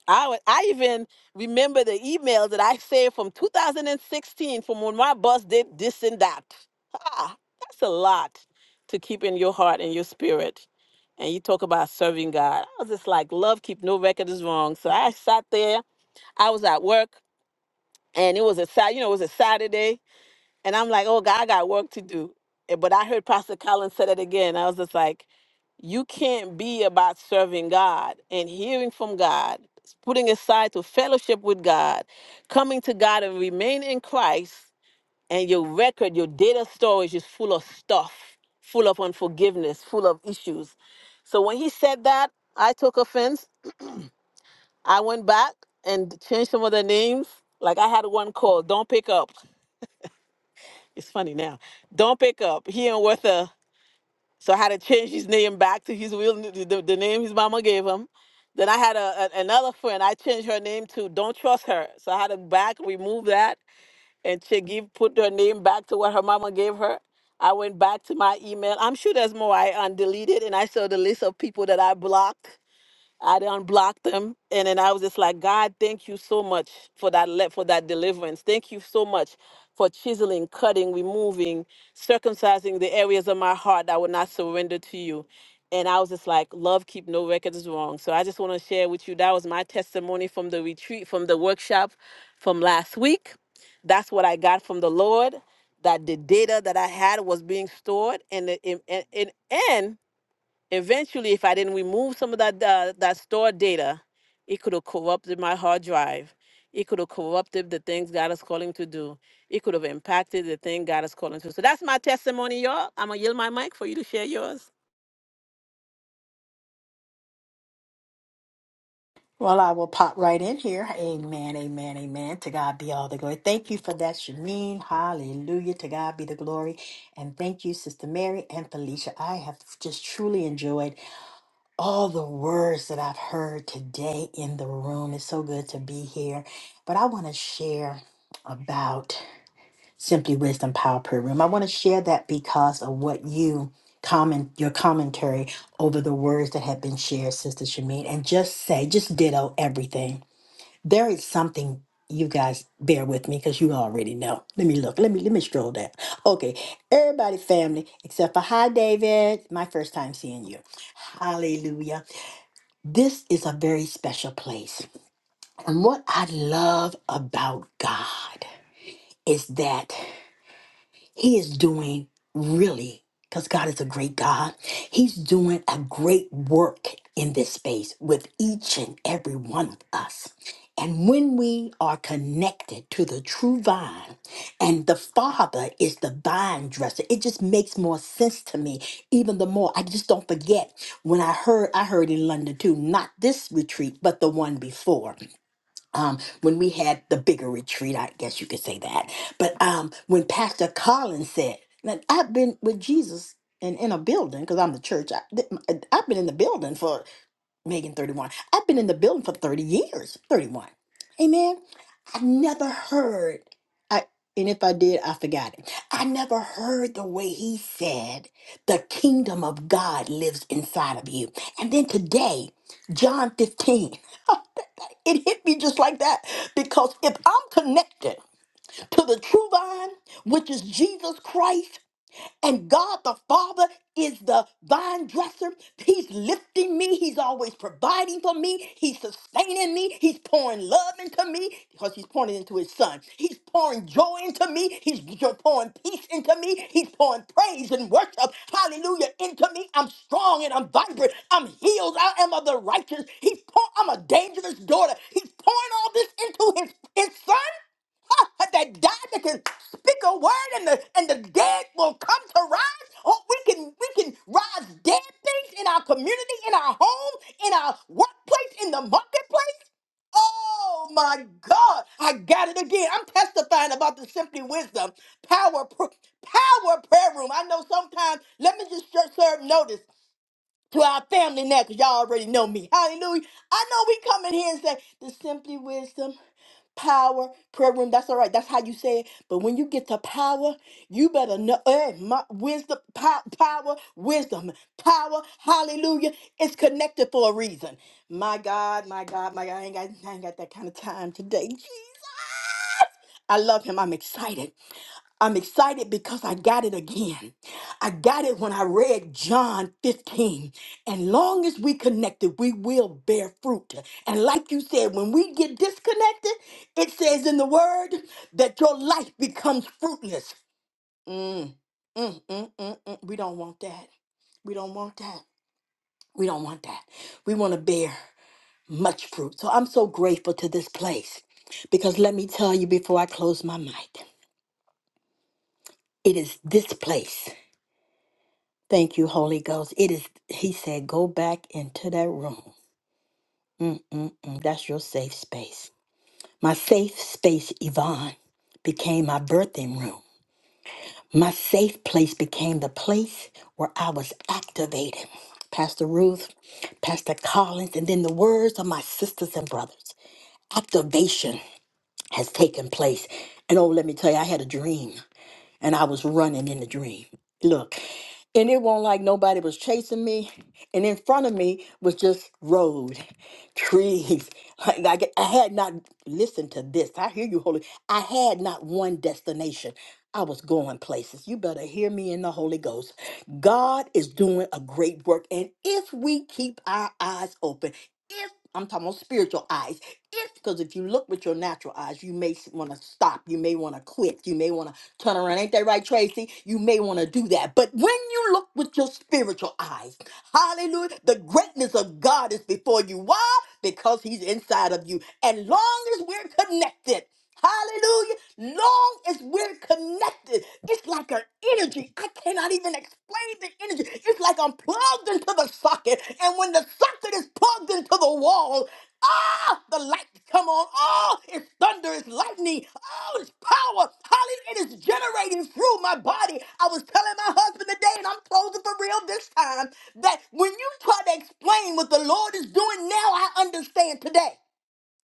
I wa- I even remember the emails that I saved from 2016 from when my boss did this and that. Ah, that's a lot to keep in your heart and your spirit. And you talk about serving God. I was just like, love keep no record is wrong. So I sat there. I was at work, and it was a Sat- you know it was a Saturday, and I'm like, oh God, I got work to do. Eh, But I heard Pastor Collins say that again. I was just like, you can't be about serving God and hearing from God, putting aside to fellowship with God, coming to God and remain in Christ, and your record, your data storage is full of stuff, full of unforgiveness, full of issues. So when he said that, I took offense. I went back and changed some of the names. Like I had one call, don't pick up. It's funny now. Don't pick up. He and Worth So I had to change his name back to his real n- the, the name his mama gave him. Then I had a, a- another friend. I changed her name to Don't Trust Her. So I had to back remove that and she give put her name back to what her mama gave her. I went back to my email. I'm sure there's more I undeleted and I saw the list of people that I blocked I unblocked them, and then I was just like, God, thank you so much for that le- for that deliverance. Thank you so much for chiseling, cutting, removing, circumcising the areas of my heart that would not surrender to you. And I was just like, love keep no records wrong. So I just want to share with you that was my testimony from the retreat, from the workshop, from last week. That's what I got from the Lord. That the data that I had was being stored, and the, and and and. Eventually, if I didn't remove some of that uh, that stored data, it could have corrupted my hard drive. It could have corrupted the things God is calling to do. It could have impacted the thing God is calling to. So that's my testimony, y'all. I'm gonna yield my mic for you to share yours. Well, I will pop right in here. Amen, amen, amen. To God be all the glory. Thank you for that, Shameen. Hallelujah. To God be the glory. And thank you, Sister Mary and Felicia. I have just truly enjoyed all the words that I've heard today in the room. It's so good to be here. But I want to share about Simply Wisdom Power Prayer Room. I want to share that because of what you comment, your commentary over the words that have been shared, Sister Shameen, and just say, just ditto everything there is something you guys bear with me because you already know. Let me look. Let me let me scroll down. Okay, everybody, family, except for hi, David. My first time seeing you. Hallelujah. This is a very special place, and what I love about God is that. He is doing really, because God is a great God, He's doing a great work in this space with each and every one of us. And when we are connected to the true vine, and the Father is the vine dresser, it just makes more sense to me. Even the more, I just don't forget when I heard, I heard in London too, not this retreat, but the one before um, when we had the bigger retreat, I guess you could say that. But um, when Pastor Collins said, now, I've been with Jesus and in a building, because I'm the church, I, th- I've been in the building for Megan 31. I've been in the building for 30 years, 31. Amen. I never heard, I, and if I did, I forgot it. I never heard the way he said, the kingdom of God lives inside of you. And then today, John 15. It hit me just like that because if I'm connected to the true vine, which is Jesus Christ, and God the Father is the vine dresser. He's lifting me. He's always providing for me. He's sustaining me. He's pouring love into me because he's pouring it into his son. He's pouring joy into me. He's pouring peace into me. He's pouring praise and worship, hallelujah, into me. I'm strong and I'm vibrant. I'm healed. I am of the righteous. He's pour- I'm a dangerous daughter. He's pouring all this into his, his son. that died that can speak a word and the and the dead will come to rise. Oh, we can we can rise dead things in our community, in our home, in our workplace, in the marketplace. Oh my God, I got it again. I'm testifying about the Simply Wisdom Power pr- Power Prayer Room. I know sometimes, let me just ser- serve notice to our family now because y'all already know me. Hallelujah. I know we come in here and say the simply wisdom, power, prayer room. That's all right. That's how you say it. But when you get to power, you better know eh, my wisdom, pow, power, wisdom, power, hallelujah. It's connected for a reason. My God, my God, my God, I ain't got, I ain't got that kind of time today. I love him. I'm excited. I'm excited because I got it again. I got it when I read John 15. And long as we connected, we will bear fruit. And like you said, when we get disconnected, it says in the word that your life becomes fruitless. Mm, mm, mm, mm, mm. We don't want that. We don't want that. We don't want that. We want to bear much fruit. So I'm so grateful to this place because let me tell you before I close my mic. It is this place. Thank you, Holy Ghost. It is, he said, go back into that room. Mm-mm-mm. That's your safe space. My safe space, Yvonne, became my birthing room. My safe place became the place where I was activated. Pastor Ruth, Pastor Collins, and then the words of my sisters and brothers. Activation has taken place. And oh, let me tell you, I had a dream. and I was running in the dream. Look, and it wasn't like nobody was chasing me. And in front of me was just road, trees. Like I, get- I had not listened to this. I hear you, Holy. I had not one destination. I was going places. You better hear me in the Holy Ghost. God is doing a great work, and if we keep our eyes open, if I'm talking about spiritual eyes, if because if you look with your natural eyes, you may want to stop. You may want to quit. You may want to turnaround. Ain't that right, Tracy? You may want to do that. But when you look with your spiritual eyes, hallelujah, the greatness of God is before you. Why? Because He's inside of you. And long as we're connected, hallelujah, long as we're connected, it's like an energy. I cannot even explain the energy. It's like I'm plugged into the socket. And when the socket is plugged into the wall, Ah, the light come on. Oh, it's thunder, it's lightning. Oh, it's power. Hallelujah. It is generating through my body. I was telling my husband today, and I'm closing for real this time, that when you try to explain what the Lord is doing now, I understand today.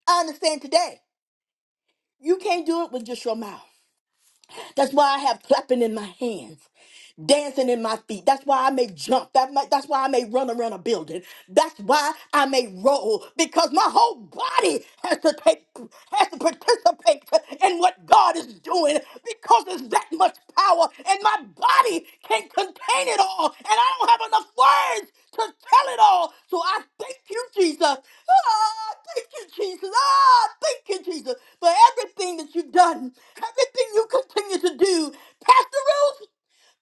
I understand today. You can't do it with just your mouth. That's why I have clapping in my hands dancing in my feet. That's why I may jump. That may, that's why I may run around a building. That's why I may roll because my whole body has to take has to participate in what God is doing because there's that much power and my body can't contain it all and I don't have enough words to tell it all. So I thank you, Jesus. Ah, thank you, Jesus. Ah, thank you, Jesus, for everything that you've done, everything you continue to do. Pastor Ruth,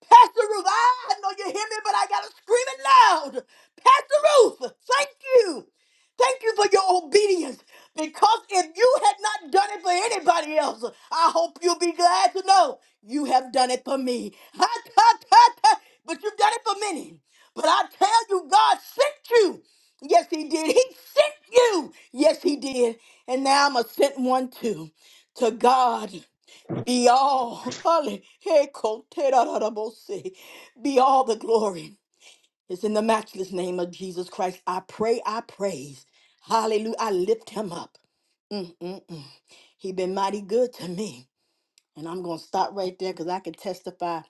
Pastor Ruth, I know you hear me, but I gotta scream it loud. Pastor Ruth, thank you. Thank you for your obedience. Because if you had not done it for anybody else, I hope you'll be glad to know you have done it for me. Ha, ha, ha, ha. But you've done it for many. But I tell you, God sent you. Yes, He did. He sent you. Yes, He did. And now I'm a sent one too. To God. Be all, Hallelujah. be all the glory. It's in the matchless name of Jesus Christ. I pray, I praise. Hallelujah. I lift him up. Mm, mm, mm. He been mighty good to me. And I'm going to stop right there because I can testify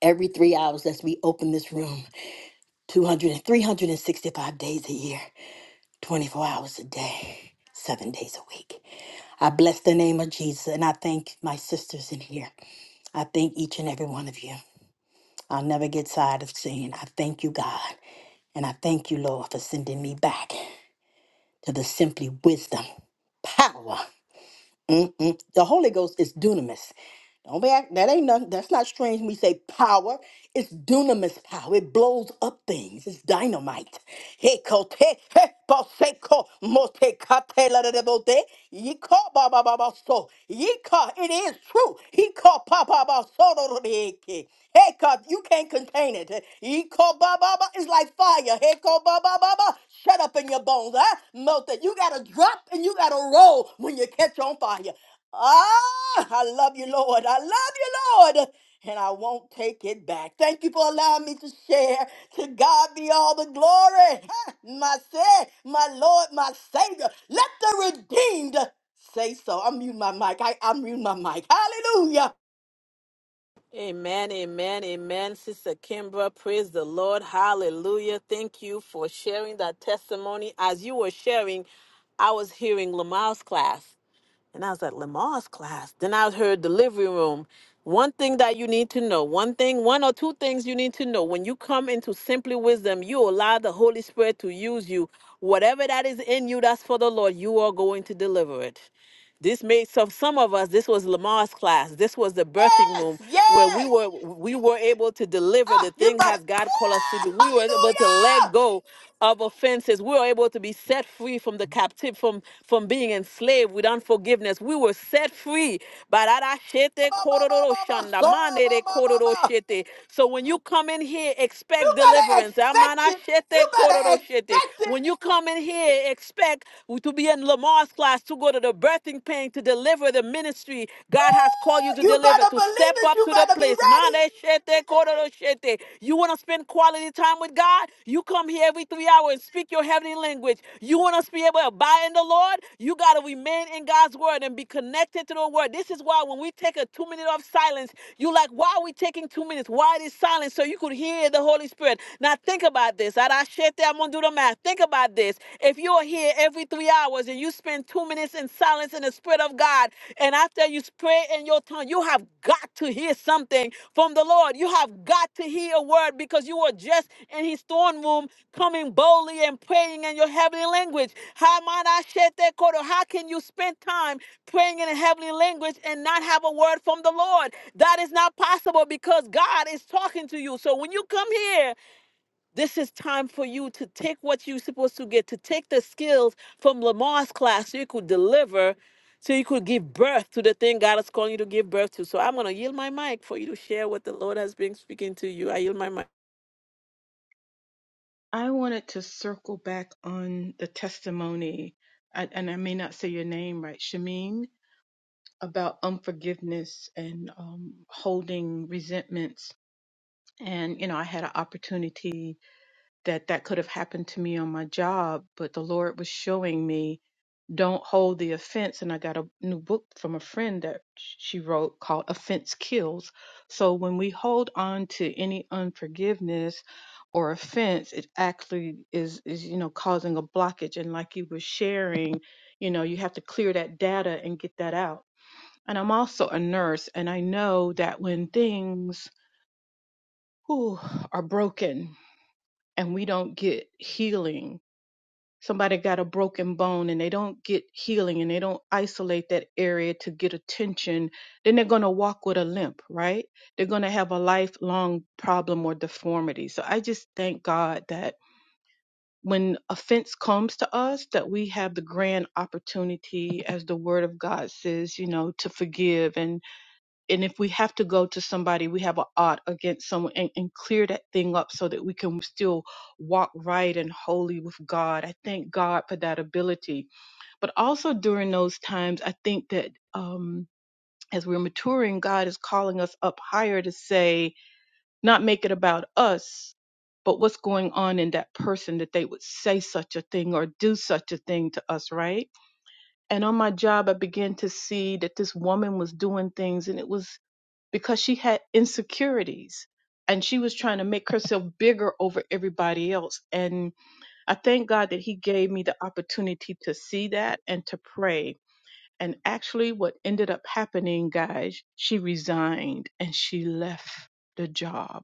every three hours as we open this room 200 and 365 days a year, 24 hours a day, seven days a week. I bless the name of Jesus and I thank my sisters in here. I thank each and every one of you. I'll never get tired of saying, I thank you, God. And I thank you, Lord, for sending me back to the simply wisdom, power. Mm-mm. The Holy Ghost is dunamis. Don't be act, that ain't nothing. That's not strange. When we say power, it's dunamis power. It blows up things. It's dynamite. He kote he boseko mote kate la de de bote. Ye call ba ba ba ba so. Ye call it is true. He called pa pa ba so do do de ke. Hey, God, you can't contain it. He called ba ba ba. It's like fire. Hey, called ba ba ba ba. Shut up in your bones, huh? Melt it. You gotta drop and you gotta roll when you catch on fire. Ah, I love you, Lord. I love you, Lord. And I won't take it back. Thank you for allowing me to share. To God be all the glory. Ha, My said, my Lord, my Savior. Let the redeemed say so. I'm mute my mic. I, I'm mute my mic. Hallelujah. Amen, amen, amen. Sister Kimbra, praise the Lord. Hallelujah. Thank you for sharing that testimony. As you were sharing, I was hearing Lamar's class. and I was at Lamar's class. Then I heard the delivery room. One thing that you need to know, one thing, one or two things you need to know. When you come into simply wisdom, you allow the Holy Spirit to use you. Whatever that is in you that's for the Lord, you are going to deliver it. This made some some of us. This was Lamar's class. This was the birthing Yes, room where we yes. were we were able to deliver the Ah, you thing better. has God called us to Ah, do. We were able to let hallelujah. go of offenses. We were able to be set free from the captive from from being enslaved with unforgiveness. We were set free. Ba, Bararashete ba, ba, kororo ba, ba, shanda, so, ba, manere ba, ba, kororo ba. shete. So when you come in here, You expect better deliverance. expect it. You Amanashete better kororo shete. expect it. When you come in here, expect to be in Lamar's class, to go to the birthing pain, to deliver the ministry God has called you to You deliver, better to believe step it. up You to the better be place. Mande shete kororo shete. You want to spend quality time with God? You come here every three hours and speak your heavenly language. You want to be able to abide in the Lord? You got to remain in God's word and be connected to the word. This is why when we take a two minute of silence, you like, why are we taking two minutes? Why this silence? So you could hear the Holy Spirit. Now think about this. Arashete do the math. Think about this. If you're here every three hours and you spend two minutes in silence in the Spirit of God, and after you pray in your tongue, you have got to hear something from the Lord. You have got to hear a word because you were just in His throne room coming boldly and praying in your heavenly language. How might I shed that quarter? How can you spend time praying in a heavenly language and not have a word from the Lord? That is not possible because God is talking to you. So when you come here, this is time for you to take what you're supposed to get, to take the skills from Lamar's class so you could deliver, so you could give birth to the thing God is calling you to give birth to. So I'm going to yield my mic for you to share what the Lord has been speaking to you. I yield my mic. I wanted to circle back on the testimony, I- and I may not say your name right, Shamin, about unforgiveness and um, holding resentments. And, you know, I had an opportunity that that could have happened to me on my job, but the Lord was showing me Don't Hold the Offense. And I got a new book from a friend that she wrote called Offense Kills. So when we hold on to any unforgiveness or offense, it actually is, is, you know, causing a blockage. And like you were sharing, you know, you have to clear that data and get that out. And I'm also a nurse, and I know that when things whew, are broken and we don't get healing, somebody got a broken bone and they don't get healing and they don't isolate that area to get attention, then they're going to walk with a limp, right? They're going to have a lifelong problem or deformity. So I just thank God that when offense comes to us that we have the grand opportunity as the word of God says, you know, to forgive and and if we have to go to somebody, we have an ought against someone and, and clear that thing up so that we can still walk right and holy with God. I thank God for that ability. But also during those times, I think that um, as we're maturing, God is calling us up higher to say, not make it about us, but what's going on in that person that they would say such a thing or do such a thing to us, right? And on my job, I began to see that this woman was doing things and it was because she had insecurities and she was trying to make herself bigger over everybody else. And I thank God that He gave me the opportunity to see that and to pray. And actually, what ended up happening, guys, she resigned and she left the job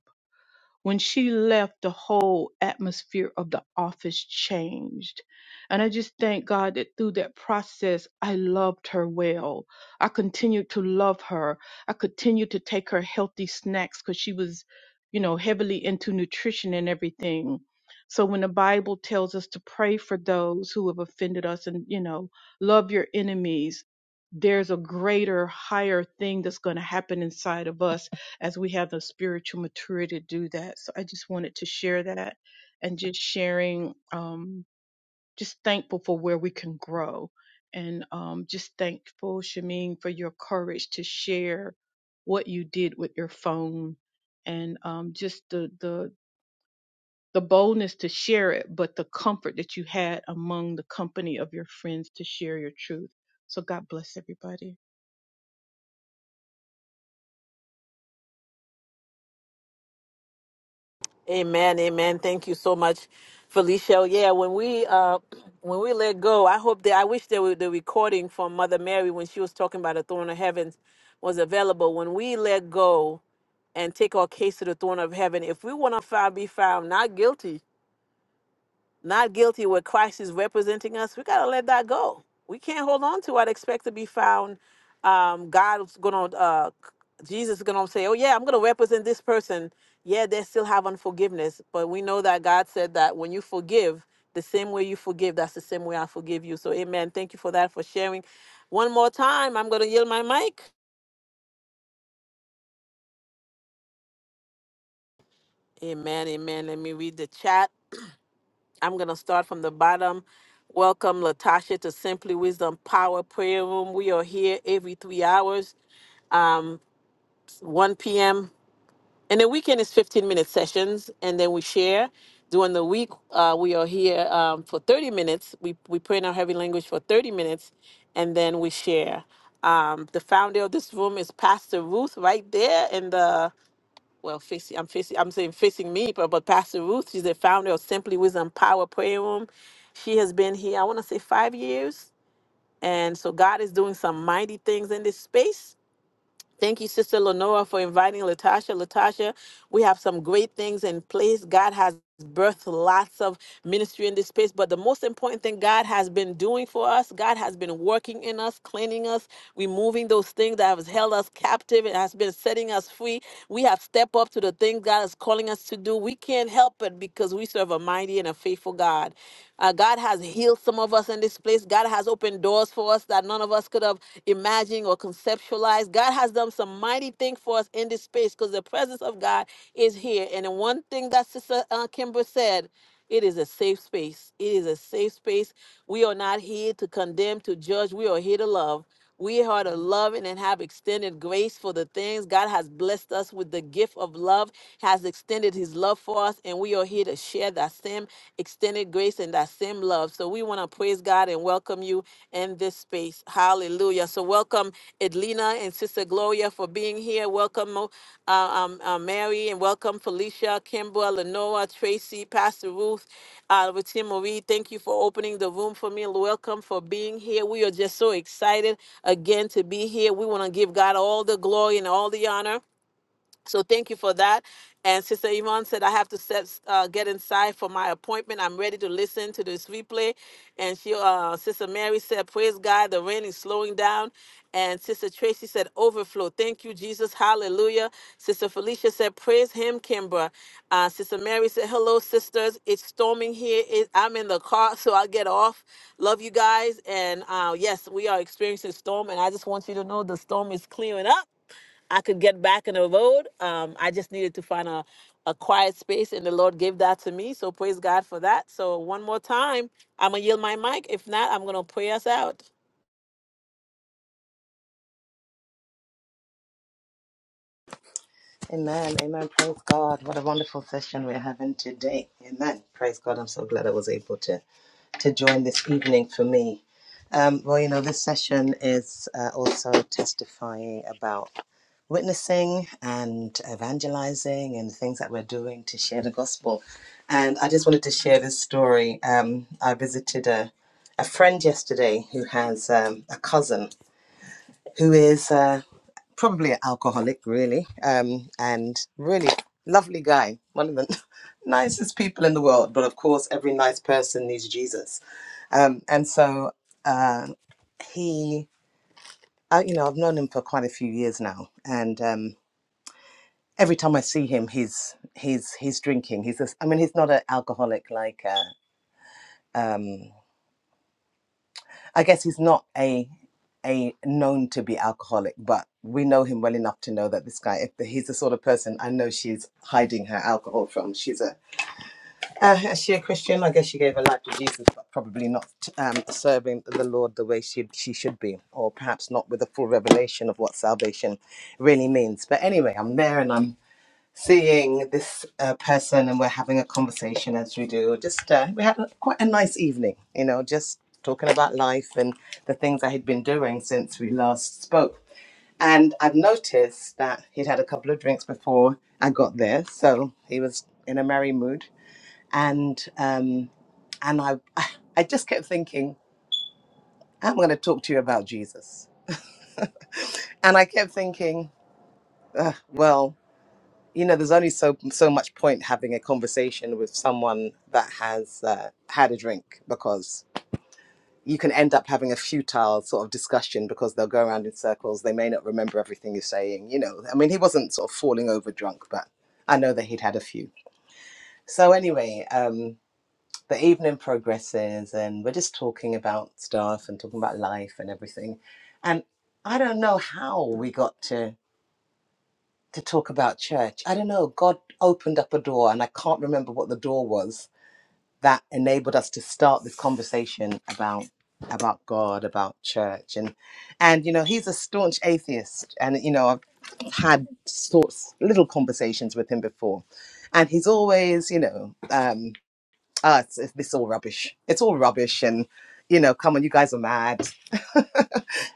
when she left, the whole atmosphere of the office changed. And I just thank God that through that process, I loved her well. I continued to love her. I continued to take her healthy snacks because she was, you know, heavily into nutrition and everything. So when the Bible tells us to pray for those who have offended us and, you know, love your enemies, there's a greater, higher thing that's going to happen inside of us as we have the spiritual maturity to do that. So I just wanted to share that and just sharing, um, just thankful for where we can grow. And um, just thankful, Shameen, for your courage to share what you did with your phone and um, just the, the, the boldness to share it, but the comfort that you had among the company of your friends to share your truth. So God bless everybody. Amen. Amen. Thank you so much, Felicia. Yeah, when we uh when we let go, I hope that I wish there were the recording from Mother Mary when she was talking about the throne of heaven was available. When we let go, and take our case to the throne of heaven. If we want to found, be found not guilty, not guilty where Christ is representing us, we got to let that go. We can't hold on to it. Expect to be found. Um, God's going to, uh, Jesus is going to say, oh, yeah, I'm going to represent this person. Yeah, they still have unforgiveness. But we know that God said that when you forgive, the same way you forgive, that's the same way I forgive you. So, amen. Thank you for that, for sharing. One more time, I'm going to yield my mic. Amen, amen. Let me read the chat. I'm going to start from the bottom. Welcome, Latasha, to Simply Wisdom Power Prayer Room. We are here every three hours, um, 1 p.m. And the weekend is 15 minute sessions, and then we share. During the week, uh, we are here um, for 30 minutes. We, we pray in our heavy language for 30 minutes, and then we share. Um, the founder of this room is Pastor Ruth, right there in the well, facing, I'm facing, I'm saying facing me, but, but Pastor Ruth, she's the founder of Simply Wisdom Power Prayer Room. She has been here, I want to say five years. And so God is doing some mighty things in this space. Thank you, Sister Lenora, for inviting Latasha. Latasha, we have some great things in place. God has birthed lots of ministry in this space, but the most important thing God has been doing for us, God has been working in us, cleaning us, removing those things that have held us captive and has been setting us free. We have stepped up to the things God is calling us to do. We can't help it because we serve a mighty and a faithful God. Uh, God has healed some of us in this place. God has opened doors for us that none of us could have imagined or conceptualized. God has done some mighty thing for us in this space because the presence of God is here. And the one thing that Sister uh, Kimber said, it is a safe space. It is a safe space. We are not here to condemn, to judge. We are here to love. We are to ready. love and have extended grace for the things God has blessed us with the gift of love, has extended his love for us, and we are here to share that same extended grace and that same love. So we want to praise God and welcome you in this space. Hallelujah. So welcome Edlina and Sister. Sister Gloria, for being here. Welcome, uh, um, uh, Mary, and welcome Felicia, Kimbra, Lenora, Tracy, Pastor Ruth, uh, Routine Marie. Thank you for opening the room for me. Welcome for being here. We are just so excited again to be here. We want to give God all the glory and all the honor. So thank you for that. And Sister Yvonne said, I have to set, uh, get inside for my appointment. I'm ready to listen to this replay. And she, uh, Sister Mary said, Praise God, the rain is slowing down. And Sister Tracy said, Overflow. Thank you, Jesus. Hallelujah. Sister Felicia said, Praise Him, Kimbra. Uh, Sister Mary said, Hello, sisters. It's storming here. It, I'm in the car, so I'll get off. Love you guys. And uh, yes, we are experiencing storm. And I just want you to know the storm is clearing up. I could get back on the road. Um, I just needed to find a, a quiet space, and the Lord gave that to me. So praise God for that. So one more time, I'm gonna yield my mic. If not, I'm gonna pray us out. Amen. Amen. Praise God. What a wonderful session we're having today. Amen. Praise God. I'm so glad I was able to, to join this evening for me. Um, well, you know, this session is uh, also testifying about witnessing and evangelizing and things that we're doing to share the gospel. And I just wanted to share this story. Um, I visited a, a friend yesterday who has um, a cousin who is. Uh, probably an alcoholic, really, um, and really lovely guy, one of the nicest people in the world. But of course, every nice person needs Jesus, um, and so uh, he, uh, you know, I've known him for quite a few years now, and um, every time I see him, he's he's he's drinking. He's, a, I mean, he's not an alcoholic like uh, um, I guess he's not a a known to be alcoholic, but we know him well enough to know that this guy, if he's the sort of person I know she's hiding her alcohol from. She's a uh, is she a Christian? I guess she gave her life to Jesus, but probably not um, serving the Lord the way she she should be, or perhaps not with a full revelation of what salvation really means. But anyway, I'm there and I'm seeing this uh, person and we're having a conversation as we do. Just uh, we had a- quite a nice evening, you know, just talking about life and the things I had been doing since we last spoke. And I've noticed that he'd had a couple of drinks before I got there, so he was in a merry mood. And um, and I I just kept thinking, I'm going to talk to you about Jesus. And I kept thinking, "Ugh, well. you know, there's only so so much point having a conversation with someone that has uh, had a drink because you can end up having a futile sort of discussion because they'll go around in circles. They may not remember everything you're saying. You know, I mean, he wasn't sort of falling over drunk, but I know that he'd had a few. So anyway, um, the evening progresses, and we're just talking about stuff and talking about life and everything. And I don't know how we got to to talk about church. I don't know. God opened up a door, and I can't remember what the door was that enabled us to start this conversation about about God, about church, and and you know he's a staunch atheist, and you know I've had sorts little conversations with him before, and he's always you know. um ah, it's, it's this is all rubbish. It's all rubbish, and you know, come on, you guys are mad,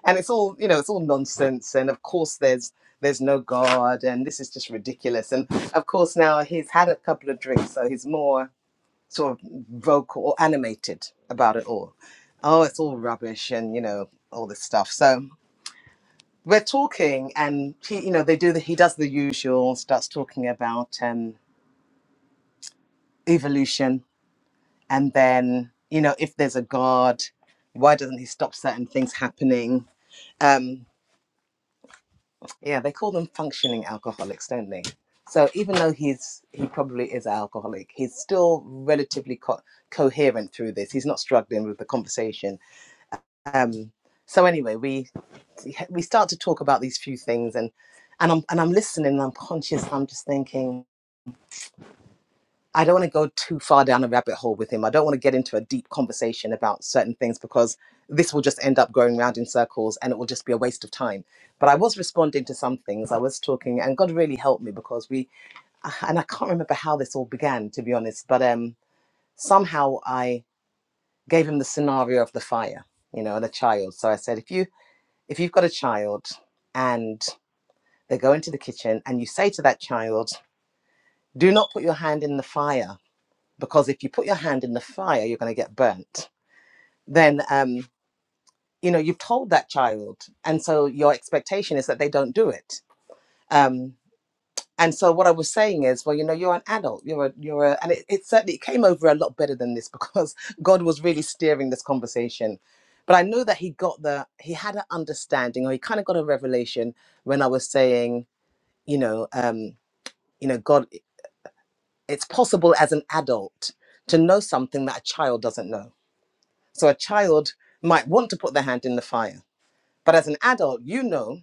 and it's all you know, it's all nonsense. And of course, there's there's no God, and this is just ridiculous. And of course, now he's had a couple of drinks, so he's more sort of vocal or animated about it all. Oh, it's all rubbish, and you know, all this stuff. So we're talking, and he, you know, they do the he does the usual, starts talking about um, evolution and then you know if there's a god why doesn't he stop certain things happening um yeah they call them functioning alcoholics don't they so even though he's he probably is an alcoholic he's still relatively co- coherent through this he's not struggling with the conversation um so anyway we we start to talk about these few things and and I'm and I'm listening and I'm conscious I'm just thinking I don't want to go too far down a rabbit hole with him. I don't want to get into a deep conversation about certain things because this will just end up going round in circles and it will just be a waste of time. But I was responding to some things. I was talking, and God really helped me because we, ah, and I can't remember how this all began, to be honest, but um, somehow I gave him the scenario of the fire, you know, and a child. So I said, if you if you've got a child and they go into the kitchen and you say to that child, do not put your hand in the fire because if you put your hand in the fire, you're going to get burnt. Then, um, you know, you've told that child. And so your expectation is that they don't do it. Um, and so what I was saying is, well, you know, you're an adult. You're a, you're a, and it, it certainly it came over a lot better than this because God was really steering this conversation. But I know that he got the, he had an understanding or he kind of got a revelation when I was saying, you know, um, you know, God, it's possible as an adult to know something that a child doesn't know So a child might want to put their hand in the fire. But as an adult, you know,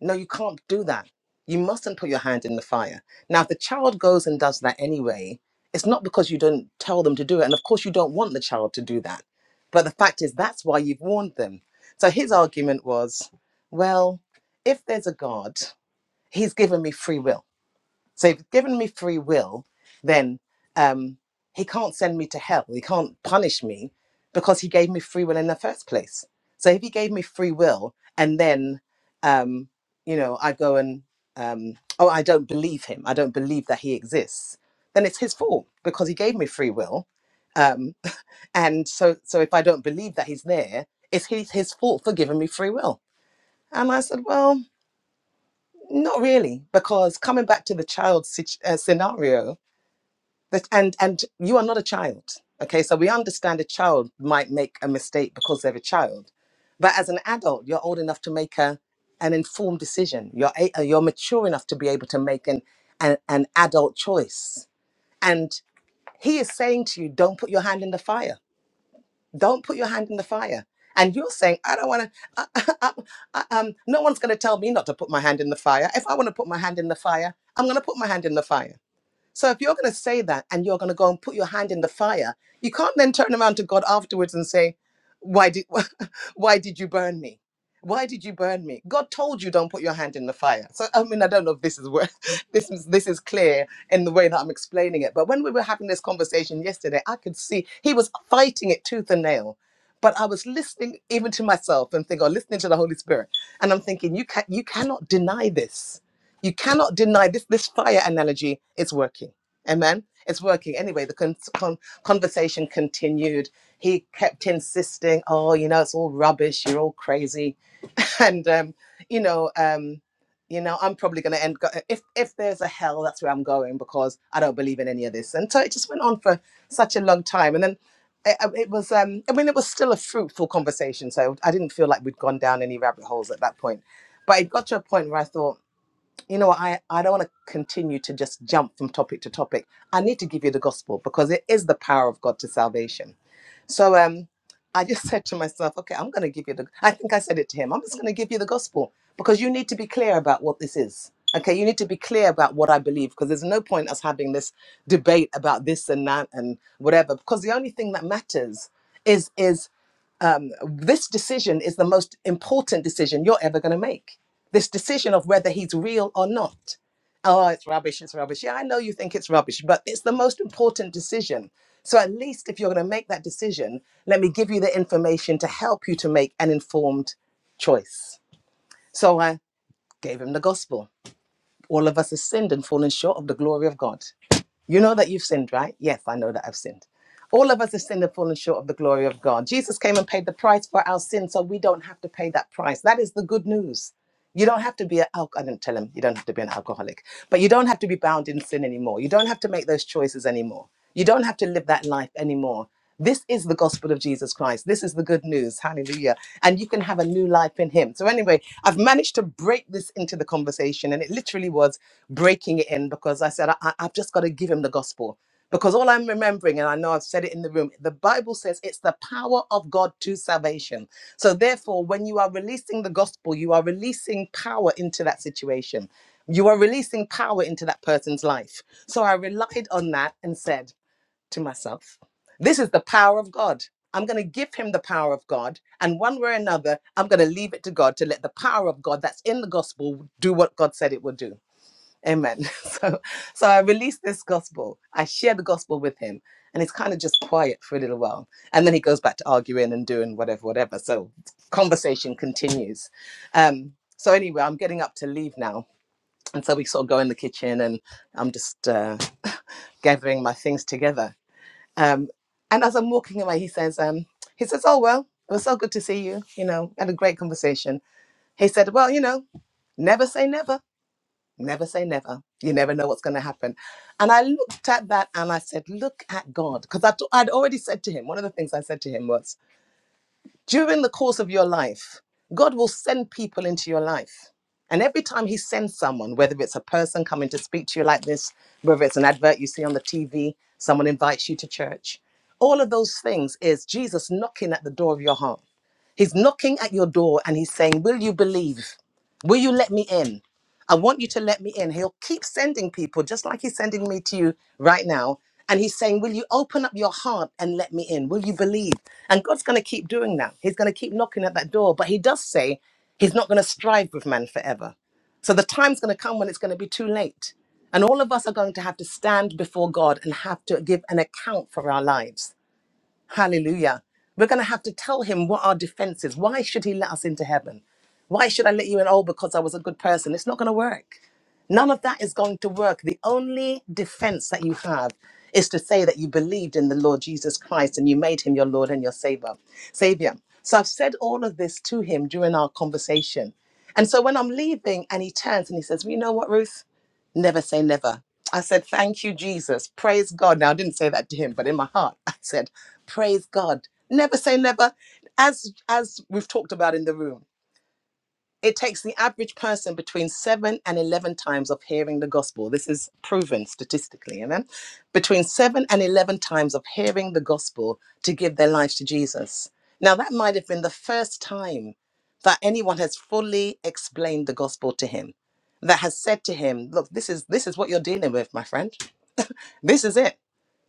no, you can't do that. You mustn't put your hand in the fire. Now, if the child goes and does that anyway, it's not because you don't tell them to do it. And of course, you don't want the child to do that. But the fact is, that's why you've warned them. So his argument was well, if there's a God, he's given me free will. So if he's given me free will, then um, he can't send me to hell. He can't punish me because he gave me free will in the first place. So if he gave me free will and then, um, you know, I go and, um, oh, I don't believe him. I don't believe that he exists. Then it's his fault because he gave me free will. Um, and so, so if I don't believe that he's there, it's his, his fault for giving me free will. And I said, well, not really, because coming back to the child situ- uh, scenario, that- and and you are not a child okay so we understand a child might make a mistake because they're a child but as an adult you're old enough to make a an informed decision you're a, uh, you're mature enough to be able to make an, an an adult choice and he is saying to you don't put your hand in the fire don't put your hand in the fire and you're saying i don't want to um, no one's going to tell me not to put my hand in the fire if i want to put my hand in the fire i'm going to put my hand in the fire so if you're going to say that and you're going to go and put your hand in the fire, you can't then turn around to God afterwards and say, "Why did why did you burn me? Why did you burn me? God told you don't put your hand in the fire." So I mean, I don't know if this is where this is this is clear in the way that I'm explaining it, but when we were having this conversation yesterday, I could see he was fighting it tooth and nail. But I was listening even to myself and think, or listening to the Holy Spirit, and I'm thinking, you can you cannot deny this you cannot deny this. This fire analogy is working. Amen. It's working. Anyway, the con- con- conversation continued. He kept insisting, "Oh, you know, it's all rubbish. You're all crazy," and um, you know, um, you know, I'm probably going to end. Go- if if there's a hell, that's where I'm going because I don't believe in any of this. And so it just went on for such a long time, and then. It, it was, um, I mean, it was still a fruitful conversation. So I didn't feel like we'd gone down any rabbit holes at that point. But it got to a point where I thought, you know, I, I don't want to continue to just jump from topic to topic. I need to give you the gospel because it is the power of God to salvation. So um, I just said to myself, okay, I'm going to give you the, I think I said it to him, I'm just going to give you the gospel because you need to be clear about what this is. Okay, you need to be clear about what I believe because there's no point us having this debate about this and that and whatever because the only thing that matters is is this decision is the most important decision you're ever going to make. This decision of whether he's real or not. Oh, it's rubbish, it's rubbish. Yeah, I know you think it's rubbish, but it's the most important decision. So at least if you're going to make that decision, let me give you the information to help you to make an informed choice. So I gave him the gospel. All of us have sinned and fallen short of the glory of God. You know that you've sinned, right? Yes, I know that I've sinned. All of us have sinned and fallen short of the glory of God. Jesus came and paid the price for our sin, so we don't have to pay that price. That is the good news. You don't have to be an alcoholic. I didn't tell him you don't have to be an alcoholic, but you don't have to be bound in sin anymore. You don't have to make those choices anymore. You don't have to live that life anymore. This is the gospel of Jesus Christ. This is the good news. Hallelujah. And you can have a new life in Him. So, anyway, I've managed to break this into the conversation, and it literally was breaking it in because I said, I, I- I've just got to give Him the gospel. Because all I'm remembering, and I know I've said it in the room, the Bible says it's the power of God to salvation. So, therefore, when you are releasing the gospel, you are releasing power into that situation. You are releasing power into that person's life. So, I relied on that and said to myself, This is the power of God. I'm going to give him the power of God. And one way or another, I'm going to leave it to God to let the power of God that's in the gospel do what God said it would do. Amen. So, so I released this gospel. I shared the gospel with him, and it's kind of just quiet for a little while, and then he goes back to arguing and doing whatever, whatever. So, conversation continues. Um, so anyway, I'm getting up to leave now, and so we sort of go in the kitchen, and I'm just uh, gathering my things together. Um, and as I'm walking away, he says, um, he says, "Oh well, it was so good to see you. You know, had a great conversation." He said, "Well, you know, never say never." Never say never. You never know what's going to happen. And I looked at that and I said, Look at God. Because i I'd already said to him, one of the things I said to him was, During the course of your life, God will send people into your life. And every time he sends someone, whether it's a person coming to speak to you like this, whether it's an advert you see on the TV, someone invites you to church, all of those things is Jesus knocking at the door of your heart. He's knocking at your door and he's saying, Will you believe? Will you let me in? I want you to let me in. He'll keep sending people, just like he's sending me to you right now. And he's saying, Will you open up your heart and let me in? Will you believe? And God's going to keep doing that. He's going to keep knocking at that door. But he does say he's not going to strive with man forever. So the time's going to come when it's going to be too late. And all of us are going to have to stand before God and have to give an account for our lives. Hallelujah. We're going to have to tell him what our defense is. Why should he let us into heaven? Why should I let you in? Oh, because I was a good person. It's not going to work. None of that is going to work. The only defense that you have is to say that you believed in the Lord Jesus Christ and you made him your Lord and your Savior. Savior. So I've said all of this to him during our conversation. And so when I'm leaving and he turns and he says, well, You know what, Ruth? Never say never. I said, Thank you, Jesus. Praise God. Now, I didn't say that to him, but in my heart, I said, Praise God. Never say never. As, as we've talked about in the room, it takes the average person between seven and 11 times of hearing the gospel. This is proven statistically, amen? Between seven and 11 times of hearing the gospel to give their life to Jesus. Now, that might have been the first time that anyone has fully explained the gospel to him, that has said to him, Look, this is, this is what you're dealing with, my friend. This is it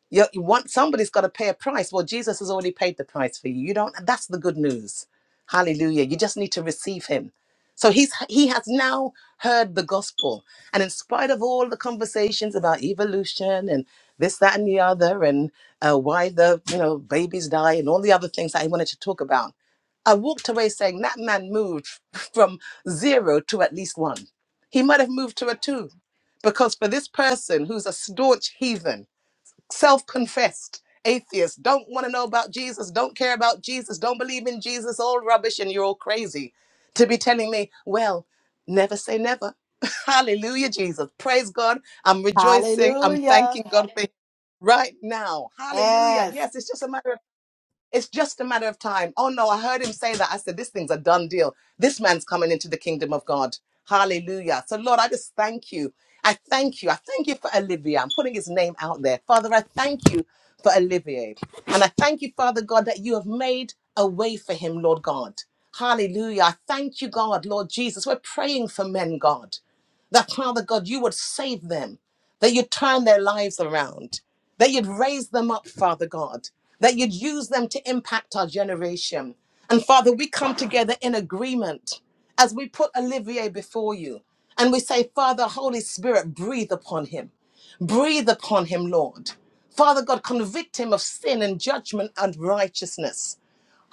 you, you want somebody's got to pay a price well jesus has already paid the price for you you don't that's the good news hallelujah you just need to receive him so he's he has now heard the gospel and in spite of all the conversations about evolution and this that and the other and uh, why the you know babies die and all the other things that he wanted to talk about i walked away saying that man moved from zero to at least one he might have moved to a two because for this person who's a staunch heathen self confessed atheists don't want to know about Jesus, don't care about Jesus, don't believe in Jesus, all rubbish, and you're all crazy to be telling me, well, never say never. Hallelujah, Jesus. Praise God. I'm rejoicing. I'm thanking Hallelujah. God for it right now. Hallelujah. Yes. Yes, it's just a matter it's just a matter of time. Oh no, I heard him say that. I said, this thing's a done deal. This man's coming into the kingdom of God. Hallelujah. So, Lord, I just thank you. I thank you. I thank you for Olivier. I'm putting his name out there. Father, I thank you for Olivier. And I thank you, Father God, that you have made a way for him, Lord God. Hallelujah. I thank you, God, Lord Jesus. We're praying for men, God that Father God, you would save them, that you turn their lives around that you'd raise them up, Father God, that you'd use them to impact our generation. And Father, we come together in agreement as we put Olivier before you and we say, Father, Holy Spirit, breathe upon him. Breathe upon him, Lord. Father God, convict him of sin and judgment and righteousness.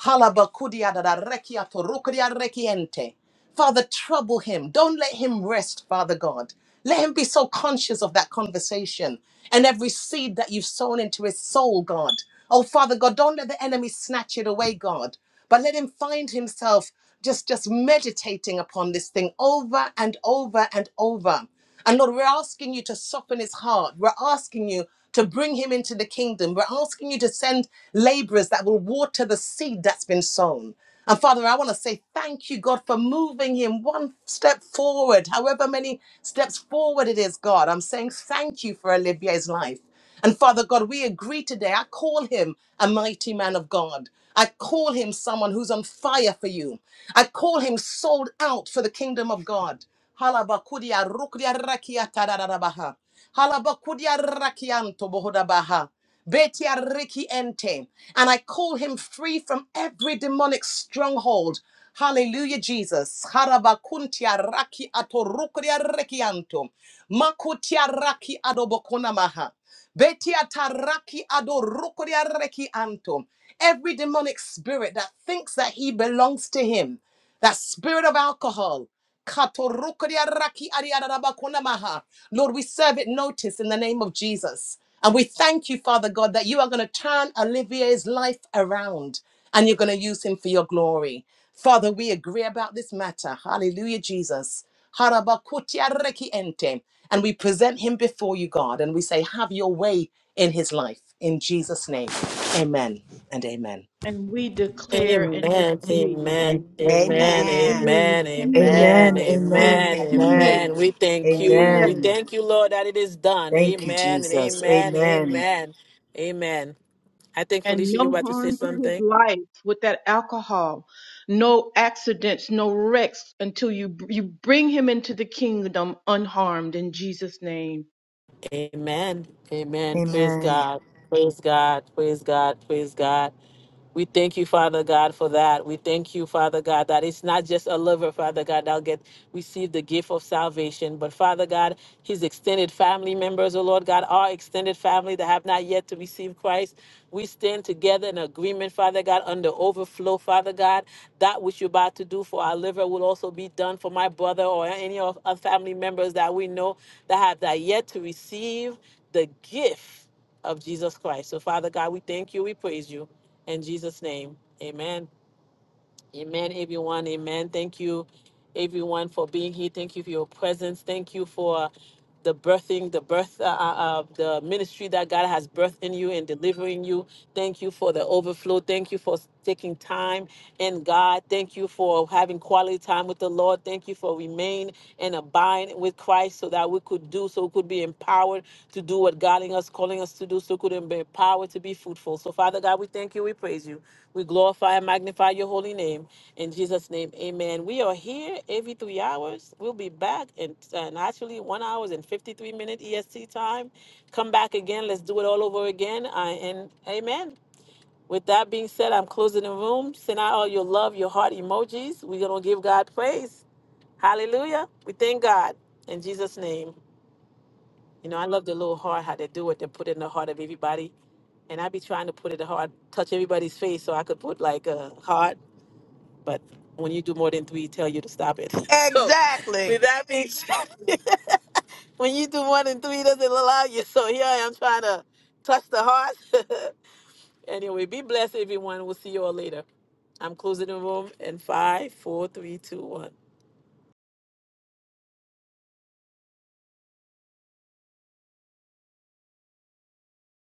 Halabakudiadadarekiatorukudiarekiente. Father, trouble him. Don't let him rest, Father God. Let him be so conscious of that conversation and every seed that you've sown into his soul, God. Oh, Father God, don't let the enemy snatch it away, God, but let him find himself just just meditating upon this thing over and over and over. And Lord, we're asking you to soften his heart. We're asking you to bring him into the kingdom. We're asking you to send laborers that will water the seed that's been sown. And Father, I want to say thank you, God, for moving him one step forward, however many steps forward it is, God. I'm saying thank you for Olivier's life. And Father God, we agree today. I call him a mighty man of God. I call him someone who's on fire for you. I call him sold out for the kingdom of God. Halabakudia rukudia rakia tadadadabaha. Halabakudia rakianto bohodabaha. Betia riki ente. And I call him free from every demonic stronghold. Hallelujah, Jesus. Harabakuntia raki atorukria rekianto. Makutia raki adobokona maha. Betia taraki adorukria rekianto. Every demonic spirit that thinks that he belongs to him. That spirit of alcohol. Katorukriaraki ariarabakunamaha. Lord, we serve it notice in the name of Jesus. And we thank you, Father God, that you are going to turn Olivier's life around and you're going to use him for your glory. Father, we agree about this matter. Hallelujah, Jesus. Harabakutiareki ente. And we present him before you, God, and we say, Have your way in his life. In Jesus' name, amen and amen. And we declare Amen, and amen, decree that he is amen, Amen. being amen, healed, amen, Amen. God. He's Amen. being amen, Lord. Amen. amen. healed. We thank Name you. We Yes. Amen. thank you, Lord, that it is done. Thank you, Amen and Jesus. amen, Amen. amen, amen. I think And Felicia, you no about to say harm to his something. life with that alcohol, no accidents, no wrecks until you you bring him into the kingdom unharmed in Jesus' name. Amen. Amen. Praise Amen. God. Praise God. Praise God. Praise God. We thank you, Father God, for that. We thank you, Father God, that it's not just a lover, Father God, that'll get receive the gift of salvation, but Father God, his extended family members, oh Lord God, our extended family that have not yet to receive Christ. We stand together in agreement, Father God, under overflow, Father God. That which you're about to do for our liver will also be done for my brother or any of our family members that we know that have that yet to receive the gift of Jesus Christ. So, Father God, we thank you, we praise you. In Jesus' name, amen. Amen, everyone. Amen. Thank you, everyone, for being here. Thank you for your presence. Thank you for the birthing, the birth, uh, uh, uh, the ministry that God has birthed in you and delivering you. Thank you for the overflow. Thank you for taking time in God. Thank you for having quality time with the Lord. Thank you for remain and abide with Christ so that we could do, so we could be empowered to do what God in us, calling us to do, so we could be empowered to be fruitful. So Father God, we thank you, we praise you. We glorify and magnify your holy name. In Jesus' name, amen. We are here every three hours. We'll be back in and actually one hour and 53 minute EST time. Come back again. Let's do it all over again. I, and amen. With that being said, I'm closing the room. Send out all your love, your heart emojis. We're going to give God praise. Hallelujah. We thank God in Jesus' name. You know, I love the little heart, how they do it. They put it in the heart of everybody. And I be trying to put it in the heart, touch everybody's face so I could put like a heart but when you do more than three, it tell you to stop it. So, Exactly. with that being said, when you do more than three, it doesn't allow you. So here I am trying to touch the heart. anyway, be blessed, everyone. We'll see you all later. I'm closing the room in five, four, three, two, one.